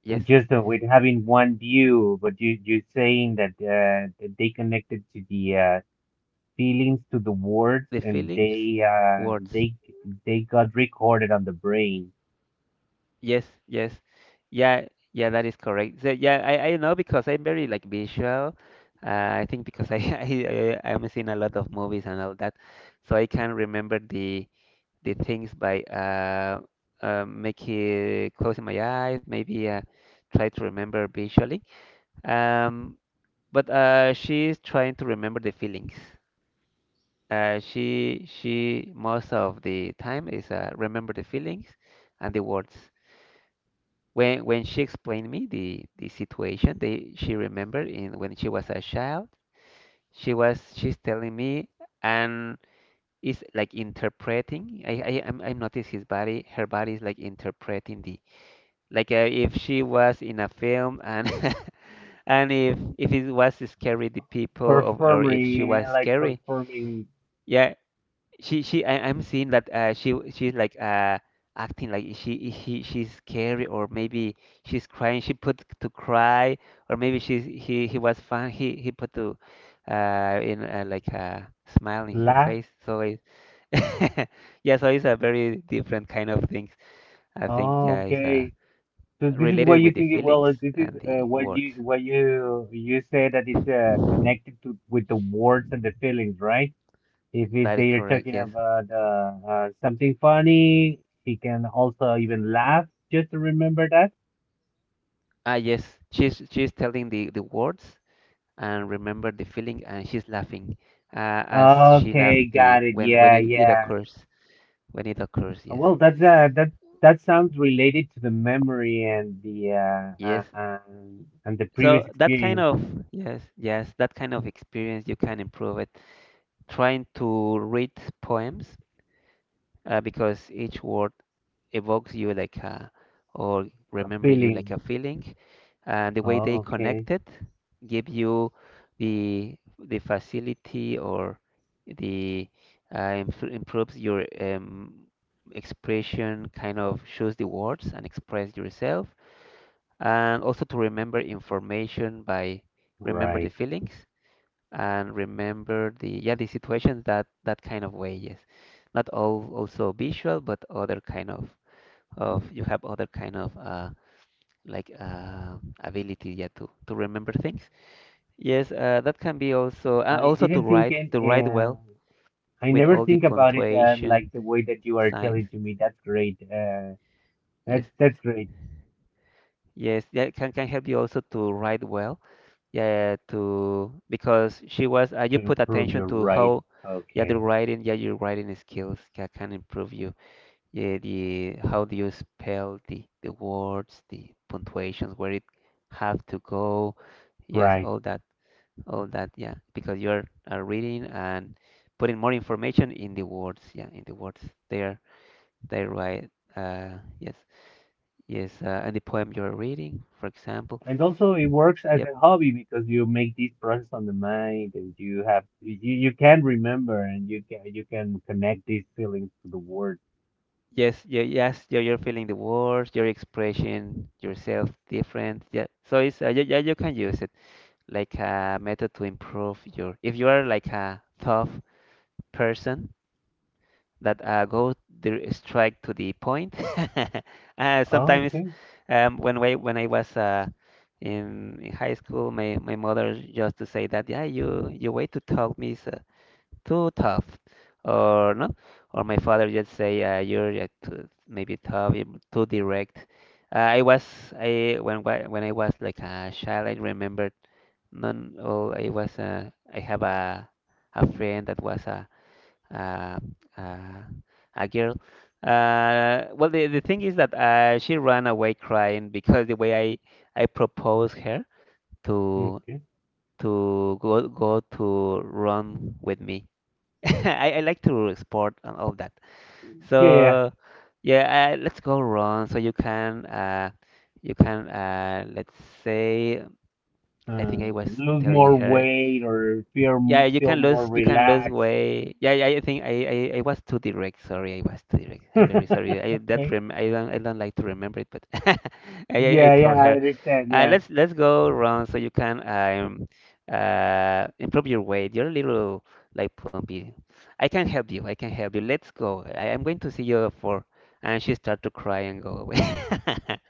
Speaker 2: yes,
Speaker 1: just with having one view, but you're saying that that they connected to the feelings to the words
Speaker 2: the
Speaker 1: and they
Speaker 2: feelings, words.
Speaker 1: they got recorded on the brain.
Speaker 2: Yes, yes, yeah, yeah, that is correct. So yeah, I know because I'm very like visual. I think because I, I am seeing a lot of movies and all that, so I can remember the things by making closing my eyes, maybe try to remember visually. Um, but She is trying to remember the feelings. She most of the time is remember the feelings and the words. When she explained me the situation, they she remembered in when she was a child. She's telling me and is like interpreting. I'm notice his body. Her body is like interpreting the if she was in a film and and if it was scary the people of, or if she
Speaker 1: Performing
Speaker 2: was
Speaker 1: like
Speaker 2: scary.
Speaker 1: performing.
Speaker 2: Yeah, she I'm seeing that she's like acting like she's scary or maybe she's crying she put to cry, or maybe she's he was fun he put to in like a smile in her
Speaker 1: Laugh.
Speaker 2: face so it yeah, so it's a very different kind of things I think.
Speaker 1: Oh,
Speaker 2: Yeah it's
Speaker 1: okay. So this is why
Speaker 2: Related
Speaker 1: you
Speaker 2: with the
Speaker 1: think well,
Speaker 2: feelings
Speaker 1: this is
Speaker 2: and the
Speaker 1: what
Speaker 2: words,
Speaker 1: you say that it's connected to with the words and the feelings, right? If it,
Speaker 2: that is
Speaker 1: they are
Speaker 2: correct,
Speaker 1: talking
Speaker 2: yes.
Speaker 1: about something funny, she can also even laugh just to remember that.
Speaker 2: Ah yes, she's telling the words and remember the feeling, and she's laughing as she
Speaker 1: Okay,
Speaker 2: laughed
Speaker 1: got
Speaker 2: the
Speaker 1: it.
Speaker 2: when
Speaker 1: Yeah,
Speaker 2: it
Speaker 1: yeah.
Speaker 2: occurs, when it occurs, yes.
Speaker 1: Well, that's that sounds related to the memory
Speaker 2: Yes,
Speaker 1: and the
Speaker 2: so
Speaker 1: previous
Speaker 2: that kind
Speaker 1: experience,
Speaker 2: of, yes, yes, that kind of experience you can improve it trying to read poems, because each word evokes you like a, or remember you like
Speaker 1: feeling.
Speaker 2: a feeling, and the way
Speaker 1: Oh,
Speaker 2: they
Speaker 1: okay,
Speaker 2: connected give you the facility, or the improves your expression, kind of shows the words and express yourself, and also to remember information by remember the
Speaker 1: right.
Speaker 2: feelings and remember the, yeah, the situations, that that kind of way, yes. Not all also visual, but other kind of, you have other kind of like uh, ability, yeah, to remember things. Yes, that can be also
Speaker 1: I
Speaker 2: also to
Speaker 1: didn't think
Speaker 2: write,
Speaker 1: it.
Speaker 2: to write
Speaker 1: Um,
Speaker 2: well
Speaker 1: I
Speaker 2: with
Speaker 1: never
Speaker 2: all the
Speaker 1: think about it like
Speaker 2: punctuation
Speaker 1: the way that you are
Speaker 2: signs.
Speaker 1: telling to me. That's great. Uh, that's
Speaker 2: Yes,
Speaker 1: that's great
Speaker 2: yes, can help you also to write well, yeah, to, because she was
Speaker 1: to
Speaker 2: you put
Speaker 1: improve
Speaker 2: attention
Speaker 1: your
Speaker 2: to
Speaker 1: ride.
Speaker 2: how, yeah, the
Speaker 1: Okay,
Speaker 2: writing, yeah, your writing skills can improve you, yeah, the how do you spell the words, the punctuations where it have to go, yes,
Speaker 1: right.
Speaker 2: all that, all that, yeah, because are reading and putting more information in the words, yeah, in the words there they write, uh yes, yes, and the poem you're reading, for example.
Speaker 1: And also, it works as
Speaker 2: Yep,
Speaker 1: a hobby because you make this process on the mind, and you can remember, and you can connect these feelings to the word.
Speaker 2: yes, yeah, yes, you're feeling the words, your expression yourself different, yeah, so it's yeah, yeah, you can use it like a method to improve your, if you are like a tough person that go straight to the point. uh,
Speaker 1: Oh,
Speaker 2: sometimes
Speaker 1: okay.
Speaker 2: um, when I was in high school, my mother just to say that yeah, you way to talk me is too tough, or no, or my father just say you're too, maybe tough, you're too direct. Uh, I was I when I was like a child, I remembered none. Oh, I was I have a friend that was uh, uh, a girl. Well, the thing is that she ran away crying because the way I proposed her to
Speaker 1: Okay.
Speaker 2: go to run with me. I like to sport and all that.
Speaker 1: Yeah. Yeah.
Speaker 2: So yeah, let's go run so you can let's say, I think I
Speaker 1: Uh,
Speaker 2: was
Speaker 1: lose
Speaker 2: telling
Speaker 1: more
Speaker 2: her.
Speaker 1: weight or feel
Speaker 2: Yeah,
Speaker 1: feel more
Speaker 2: you can lose
Speaker 1: relaxed.
Speaker 2: weight. Yeah, yeah, I think I was too direct. Sorry, I was too direct. I'm very sorry. I that
Speaker 1: Okay.
Speaker 2: rem I don't like to remember it, but I
Speaker 1: Yeah, yeah,
Speaker 2: told
Speaker 1: I
Speaker 2: her,
Speaker 1: understand. Yeah.
Speaker 2: let's go around so you can improve your weight. You're a little like plumpy. I can help you. I can help you. Let's go. I'm going to see you for. And she started to cry and go away.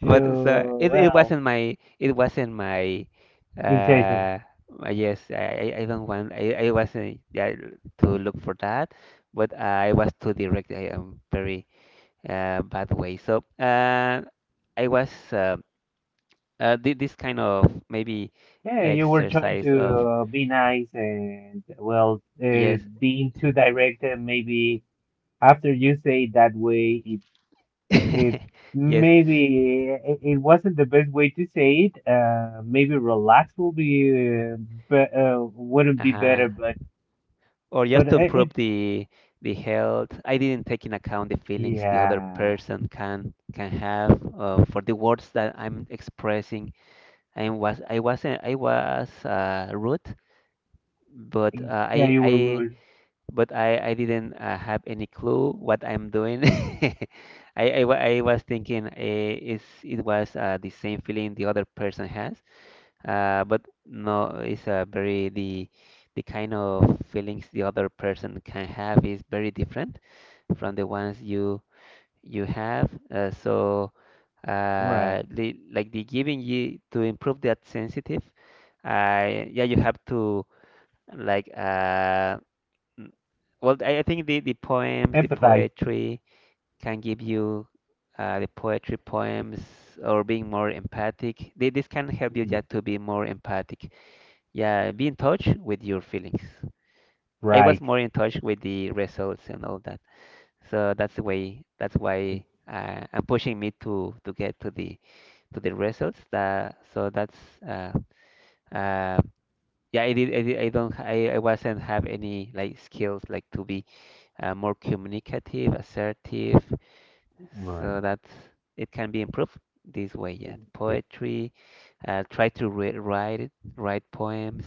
Speaker 2: But so
Speaker 1: So,
Speaker 2: it
Speaker 1: well,
Speaker 2: wasn't my, it wasn't my
Speaker 1: intention.
Speaker 2: uh yes, I don't want. I wasn't, yeah, to look for that, but I was too direct. I am very bad way. So I was did this kind of maybe
Speaker 1: Yeah, you were trying
Speaker 2: exercise
Speaker 1: to
Speaker 2: of,
Speaker 1: be nice and, well,
Speaker 2: yes,
Speaker 1: being too direct, and maybe after you say it that way, it
Speaker 2: yes,
Speaker 1: it wasn't the best way to say it. Maybe relax will be wouldn't be
Speaker 2: uh-huh.
Speaker 1: better, but,
Speaker 2: Or just
Speaker 1: but
Speaker 2: to improve the health. I didn't take in account the feelings the other
Speaker 1: yeah,
Speaker 2: person can have for the words that I'm expressing. I wasn't I was rude, but
Speaker 1: yeah, you
Speaker 2: I
Speaker 1: were rude.
Speaker 2: but I didn't have any clue what I'm doing. I was thinking eh, it was the same feeling the other person has, but no, it's very the kind of feelings the other person can have is very different from the ones you have. So
Speaker 1: Right.
Speaker 2: the, like the giving you to improve that sensitive, yeah, you have to. Like, mm, well, I think the poems, the
Speaker 1: Empathize.
Speaker 2: poetry can give you the poetry poems, or being more empathic. This can help you just to be more empathic. Yeah, be in touch with your feelings. I was
Speaker 1: Right.
Speaker 2: more in touch with the results and all that. So that's the way, that's why I'm pushing me to get to the results. That so that's uh, uh, yeah. I wasn't have any like skills like to be more communicative, assertive,
Speaker 1: Right.
Speaker 2: so that it can be improved this way. Yeah,
Speaker 1: Yeah.
Speaker 2: poetry, try to write it, write poems,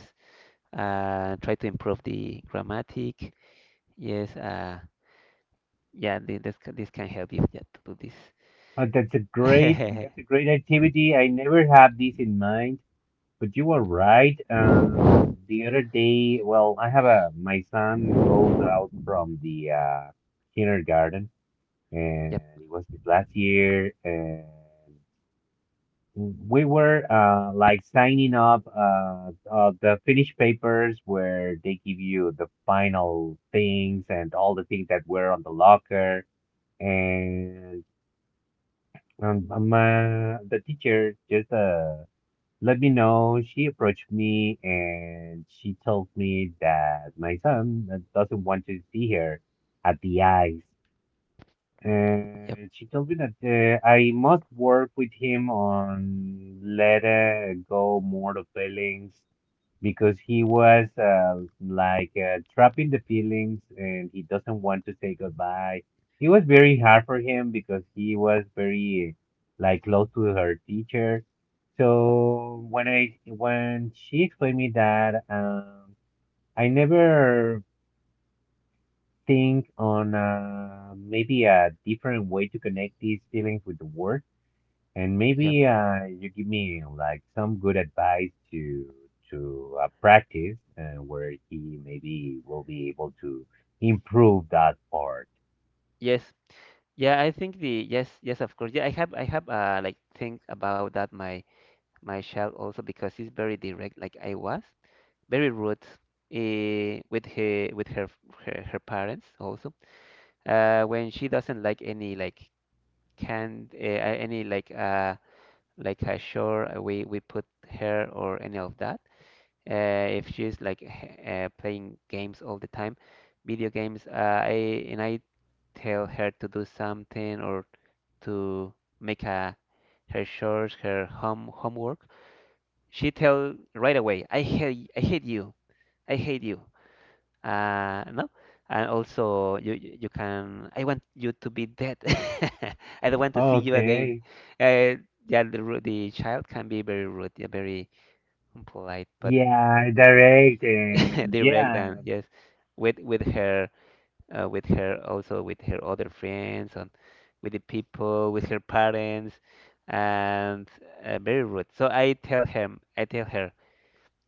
Speaker 2: try to improve the grammatic. Yes, yeah, this can help you, yeah, to do this.
Speaker 1: Uh, that's a great that's a great activity. I never had this in mind, but you are right. The other day, well, I have a my son goes out from the kindergarten, and
Speaker 2: Yep,
Speaker 1: it was this last year, and we were like signing up the finished papers where they give you the final things and all the things that were on the locker. And. The teacher just let me know. She approached me and she told me that my son doesn't want to see her at the eyes.
Speaker 2: yep,
Speaker 1: And she told me that I must work with him on let go more of feelings because he was like trapping the feelings and he doesn't want to say goodbye. It was very hard for him because he was very like close to her teacher. So when she explained me that, I never think on maybe a different way to connect these feelings with the work and
Speaker 2: yep.
Speaker 1: maybe you give me like some good advice to practice where he maybe will be able to improve that part.
Speaker 2: Yes, yeah. I think the, yes, yes, of course. Yeah, I have like think about that my child also because he's very direct like I was. Very rude with her, her parents also, when she doesn't like any like canned, any like a shore, we put her, or any of that, if she's playing games all the time, video games. I And I tell her to do something, or to make a, her chores, her homework, she tell right away, I hate, I hate you, I hate you, no, and also you can, I want you to be dead, I don't want to see you again.
Speaker 1: Okay.
Speaker 2: uh, yeah, the the child can be very rude, yeah, very polite, but
Speaker 1: Yeah, direct and
Speaker 2: direct,
Speaker 1: yeah.
Speaker 2: and yes, with her, with her, also with her other friends, and with the people, with her parents, and very rude. So I tell him, I tell her,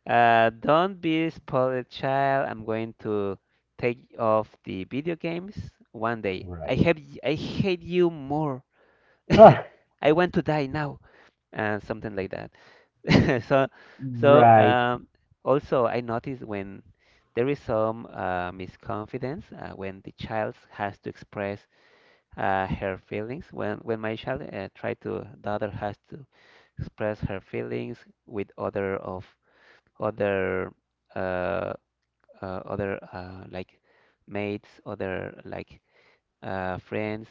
Speaker 2: don't be spoiled child. I'm going to take off the video games one day. I
Speaker 1: Right.
Speaker 2: have y- I hate you more.
Speaker 1: Ah,
Speaker 2: I want to die now, and something like that. So so
Speaker 1: right.
Speaker 2: um, also I notice when there is some misconfidence when the child has to express her feelings. When my child try to daughter has to express her feelings with other uh, like mates, other friends.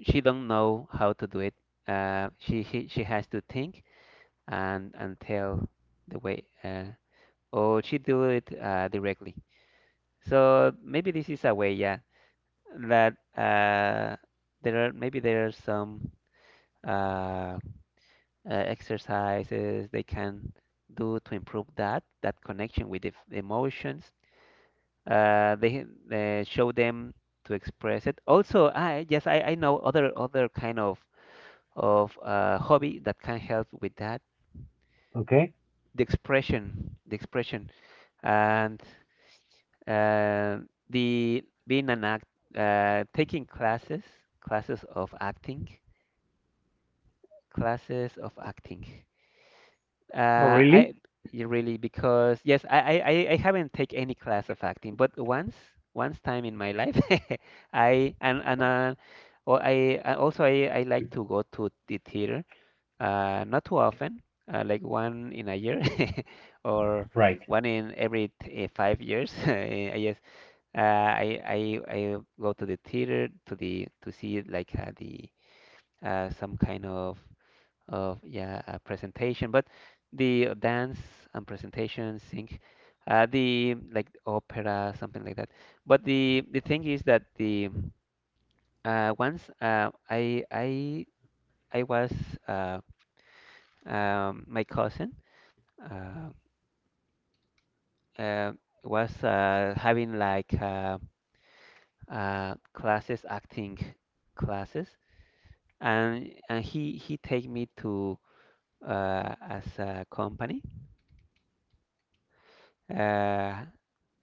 Speaker 2: She don't know how to do it. She has to think and tell the way, or she do it directly. So maybe this is a way, yeah, that there are maybe there are some uh, uh, exercises they can do to improve that connection with the emotions they show them to express it. Also, I, yes, I know other kind of hobby that can help with that.
Speaker 1: Okay.
Speaker 2: The expression, and uh, the being an act, taking classes, classes of acting, classes of acting.
Speaker 1: Oh,
Speaker 2: Uh,
Speaker 1: really?
Speaker 2: I y- Really, because yes, I haven't taken any class of acting, but once time in my life, I and well, I and also I like to go to the theater, not too often, like one in a year or
Speaker 1: Right.
Speaker 2: one in every 5 years. I guess I go to the theater to see like the some kind of, yeah, a presentation, but the dance and presentation sync, the like opera, something like that. But the thing is that the once I was uh, my cousin uh, uh, was having like classes, acting classes. And he take me to, as a company, uh,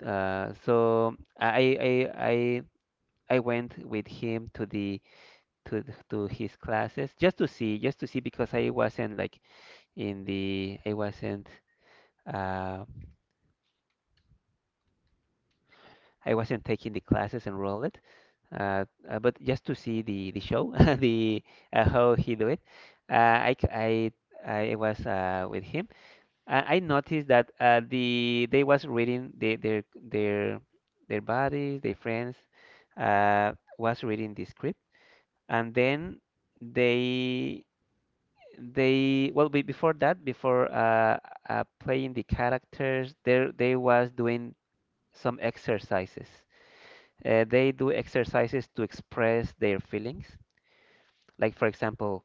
Speaker 2: so I went with him to the to his classes just to see, just to see, because I wasn't like in the, I wasn't, uh, I wasn't taking the classes enrolled. But just to see the show, the how he do it. I I was with him. I noticed that, the, they was reading the, their their buddies, their friends, was reading the script, and then they, well, before that, before playing the characters, there they was doing some exercises. They do exercises to express their feelings. Like for example,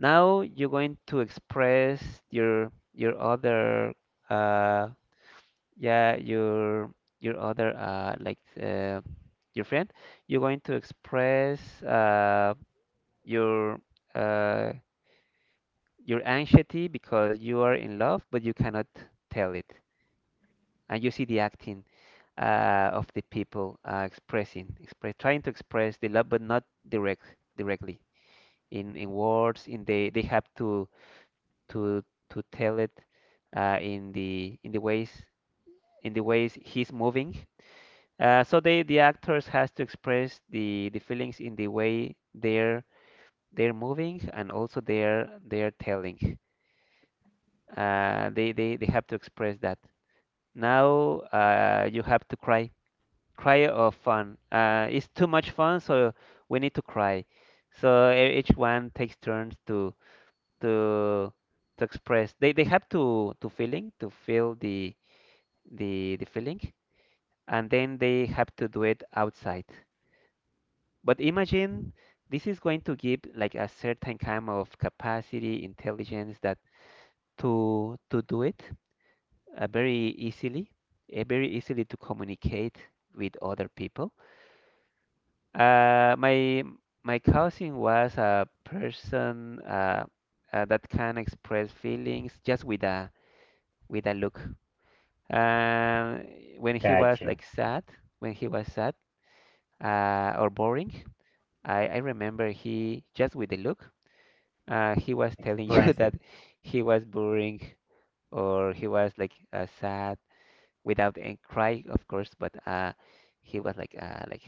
Speaker 2: now you're going to express your other. Uh, yeah, your other, uh, like your friend, you're going to express your, uh your anxiety because you are in love, but you cannot tell it. And you see the acting of the people, expressing, express trying to express the love, but not direct, directly, in words. In, they have to to to tell it, in the, in the ways, in the ways he's moving. So they, the actors has to express the feelings in the way they're moving, and also they're telling. They they have to express that. Now, you have to cry, cry of fun. It's too much fun, so we need to cry. So e- each one takes turns to to to express. They, have to feeling to feel the, the feeling, and then they have to do it outside. But imagine, this is going to give like a certain kind of capacity, intelligence, that to do it, very easily, very easily, to communicate with other people. Uh, my my cousin was a person, that can express feelings just with a, with a look. Um, when he was
Speaker 1: Gotcha.
Speaker 2: like sad, when he was sad, or boring, I remember he just with a look, he was telling you
Speaker 1: Expressive.
Speaker 2: that he was boring, or he was like, sad, without any cry, of course, but he was like, like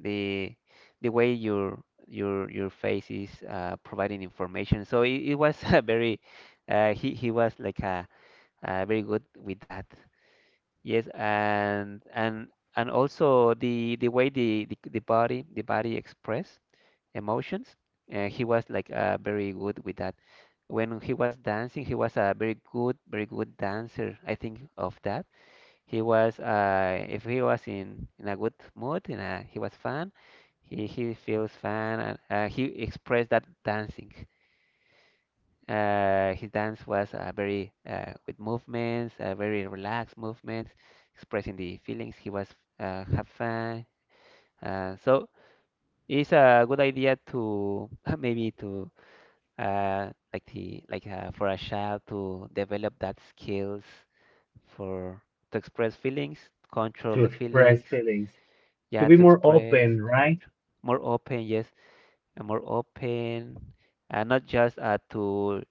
Speaker 2: the the way your, your face is, providing information. So it was a very, he was like, very good with that. Yes, and and also the way the, the body, the body express emotions, and he was like, very good with that. When he was dancing, he was a very good, very good dancer. I think of that. He was, if he was in a good mood, in a, he was fun. He feels fun, and he expressed that dancing. His dance was, very, with movements, very relaxed movements, expressing the feelings. He was, have fun. So it's a good idea to maybe to, like the, like, for a child to develop that skills for to express feelings, control
Speaker 1: To
Speaker 2: the
Speaker 1: express
Speaker 2: feelings,
Speaker 1: feelings. To
Speaker 2: yeah,
Speaker 1: be
Speaker 2: to
Speaker 1: more
Speaker 2: express,
Speaker 1: open,
Speaker 2: control,
Speaker 1: right?
Speaker 2: more open, yes, and more open, and not just, to,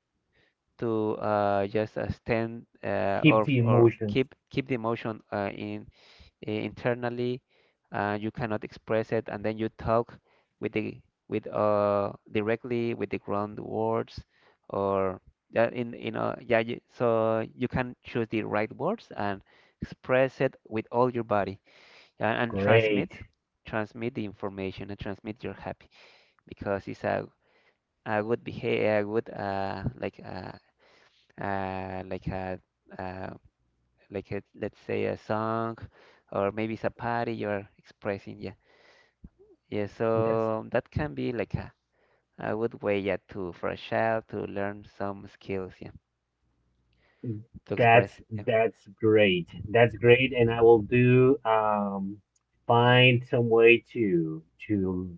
Speaker 2: just, stand,
Speaker 1: Keep
Speaker 2: or
Speaker 1: the
Speaker 2: or
Speaker 1: emotions.
Speaker 2: keep, keep the emotion, in internally. You cannot express it, and then you talk with the, with directly with the ground words, or yeah, in, yeah, you, so you can choose the right words and express it with all your body, yeah, and transmit,
Speaker 1: Great.
Speaker 2: transmit the information and transmit you're happy, because it's a good behavior, a good, like, like a, uh, like a, let's say, a song, or maybe it's a party you're expressing, yeah, yeah,
Speaker 1: That's
Speaker 2: so that can be like a good way, yeah, to, for a child to learn some skills, yeah, to express.
Speaker 1: That's
Speaker 2: Yeah,
Speaker 1: that's great. That's great, and I will do find some way to to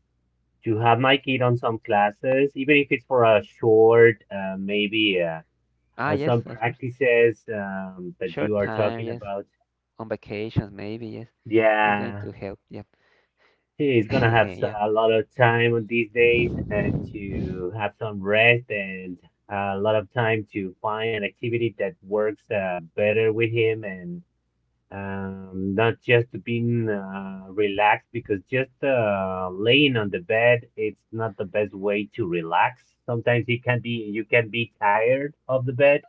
Speaker 1: to have my kid on some classes, even if it's for a short, maybe
Speaker 2: ah,
Speaker 1: some
Speaker 2: yes, of course,
Speaker 1: practices that you
Speaker 2: short
Speaker 1: are
Speaker 2: time,
Speaker 1: talking
Speaker 2: yes,
Speaker 1: about.
Speaker 2: on vacations, maybe, yes, it's going
Speaker 1: Yeah,
Speaker 2: to help, yep.
Speaker 1: he's gonna have
Speaker 2: Yeah,
Speaker 1: a lot of time on these days and to have some rest and a lot of time to find an activity that works better with him and not just being relaxed because just laying on the bed it's not the best way to relax. Sometimes it can be you can be tired of the bed,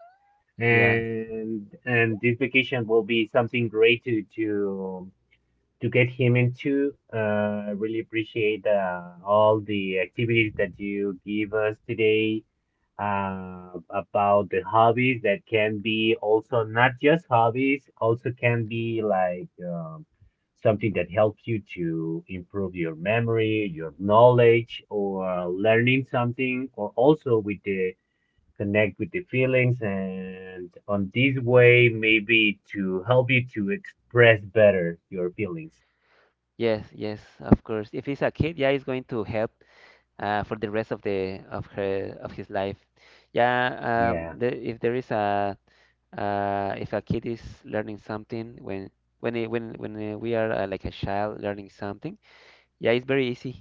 Speaker 2: yeah.
Speaker 1: and this vacation will be something great to get him into. I really appreciate all the activities that you give us today about the hobbies that can be also not just hobbies, also can be like something that helps you to improve your memory, your knowledge, or learning something, or also with the connect with the feelings, and on this way, maybe to help you to express better your feelings.
Speaker 2: Yes, yes, of course, if he's a kid, yeah, it's going to help for the rest of the, of her, of his life, yeah. Um,
Speaker 1: Yeah,
Speaker 2: the, if there is a, if a kid is learning something when it, when we are, like a child learning something, yeah, it's very easy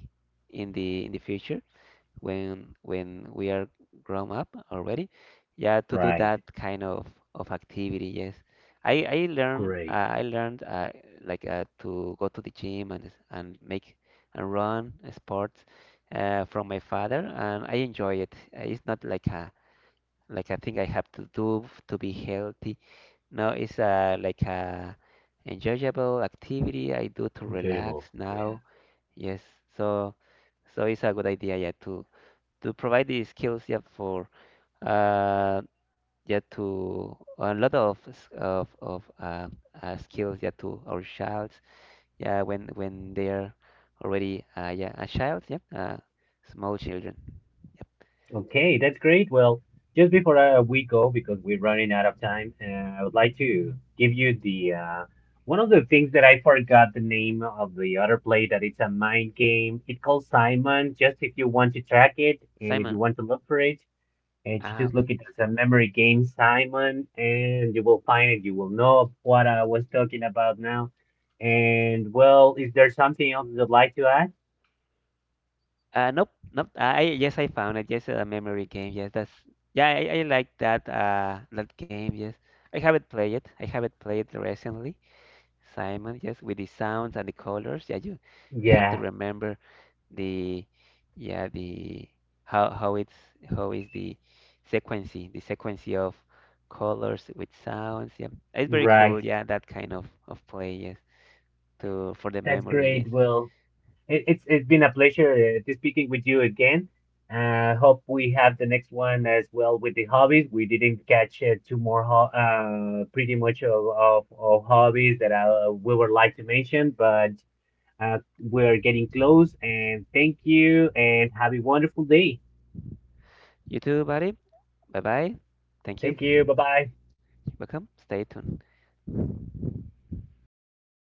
Speaker 2: in the, in the future, when we are grown up already, yeah, to do
Speaker 1: right.
Speaker 2: that kind of activity. Yes, I learned,
Speaker 1: Great.
Speaker 2: I learned, like, to go to the gym and and make and run sports, from my father, and I enjoy it. It's not like a, like a thing I have to do to be healthy, no, it's, like a, enjoyable activity I do to relax
Speaker 1: Enjoyable. Yeah.
Speaker 2: now. Yes, so, so it's a good idea, yeah, to provide these skills, yeah, for, uh, yeah, to a lot of of, skills, yeah, to our childs, yeah, when they're already, yeah, a child, yeah, small children. Yep.
Speaker 1: Okay, that's great. Well, just before we go, because we're running out of time, I would like to give you the one of the things that I forgot the name of the other play that it's a mind game. It's called Simon. Just if you want to track it and if you
Speaker 2: Simon,
Speaker 1: want to look for it, and you
Speaker 2: ah,
Speaker 1: just look
Speaker 2: okay.
Speaker 1: it as a memory game, Simon, and you will find it. You will know what I was talking about now. And well, is there something else you'd like to add?
Speaker 2: Nope, nope. I, yes, I found it. Yes, a memory game. Yes, that's, yeah. I like that that game. Yes, I haven't played it. I haven't played it recently. Simon, yes, with the sounds and the colors. Yeah, you have to
Speaker 1: Yeah,
Speaker 2: remember the, yeah, the, how it's, how is the sequence, the sequence of colors with sounds. Yeah, it's very cool.
Speaker 1: right.
Speaker 2: Yeah, that kind of play. Yes, to, for the
Speaker 1: That's
Speaker 2: memory. Yes.
Speaker 1: great, Will. It's been a pleasure to speaking with you again. Hope we have the next one as well with the hobbies. We didn't catch two more ho pretty much of hobbies that I, we would like to mention, but we're getting close. And thank you, and have a wonderful day.
Speaker 2: You too, buddy. Bye bye. Thank you.
Speaker 1: Thank you. Bye bye.
Speaker 2: Beckham, stay tuned.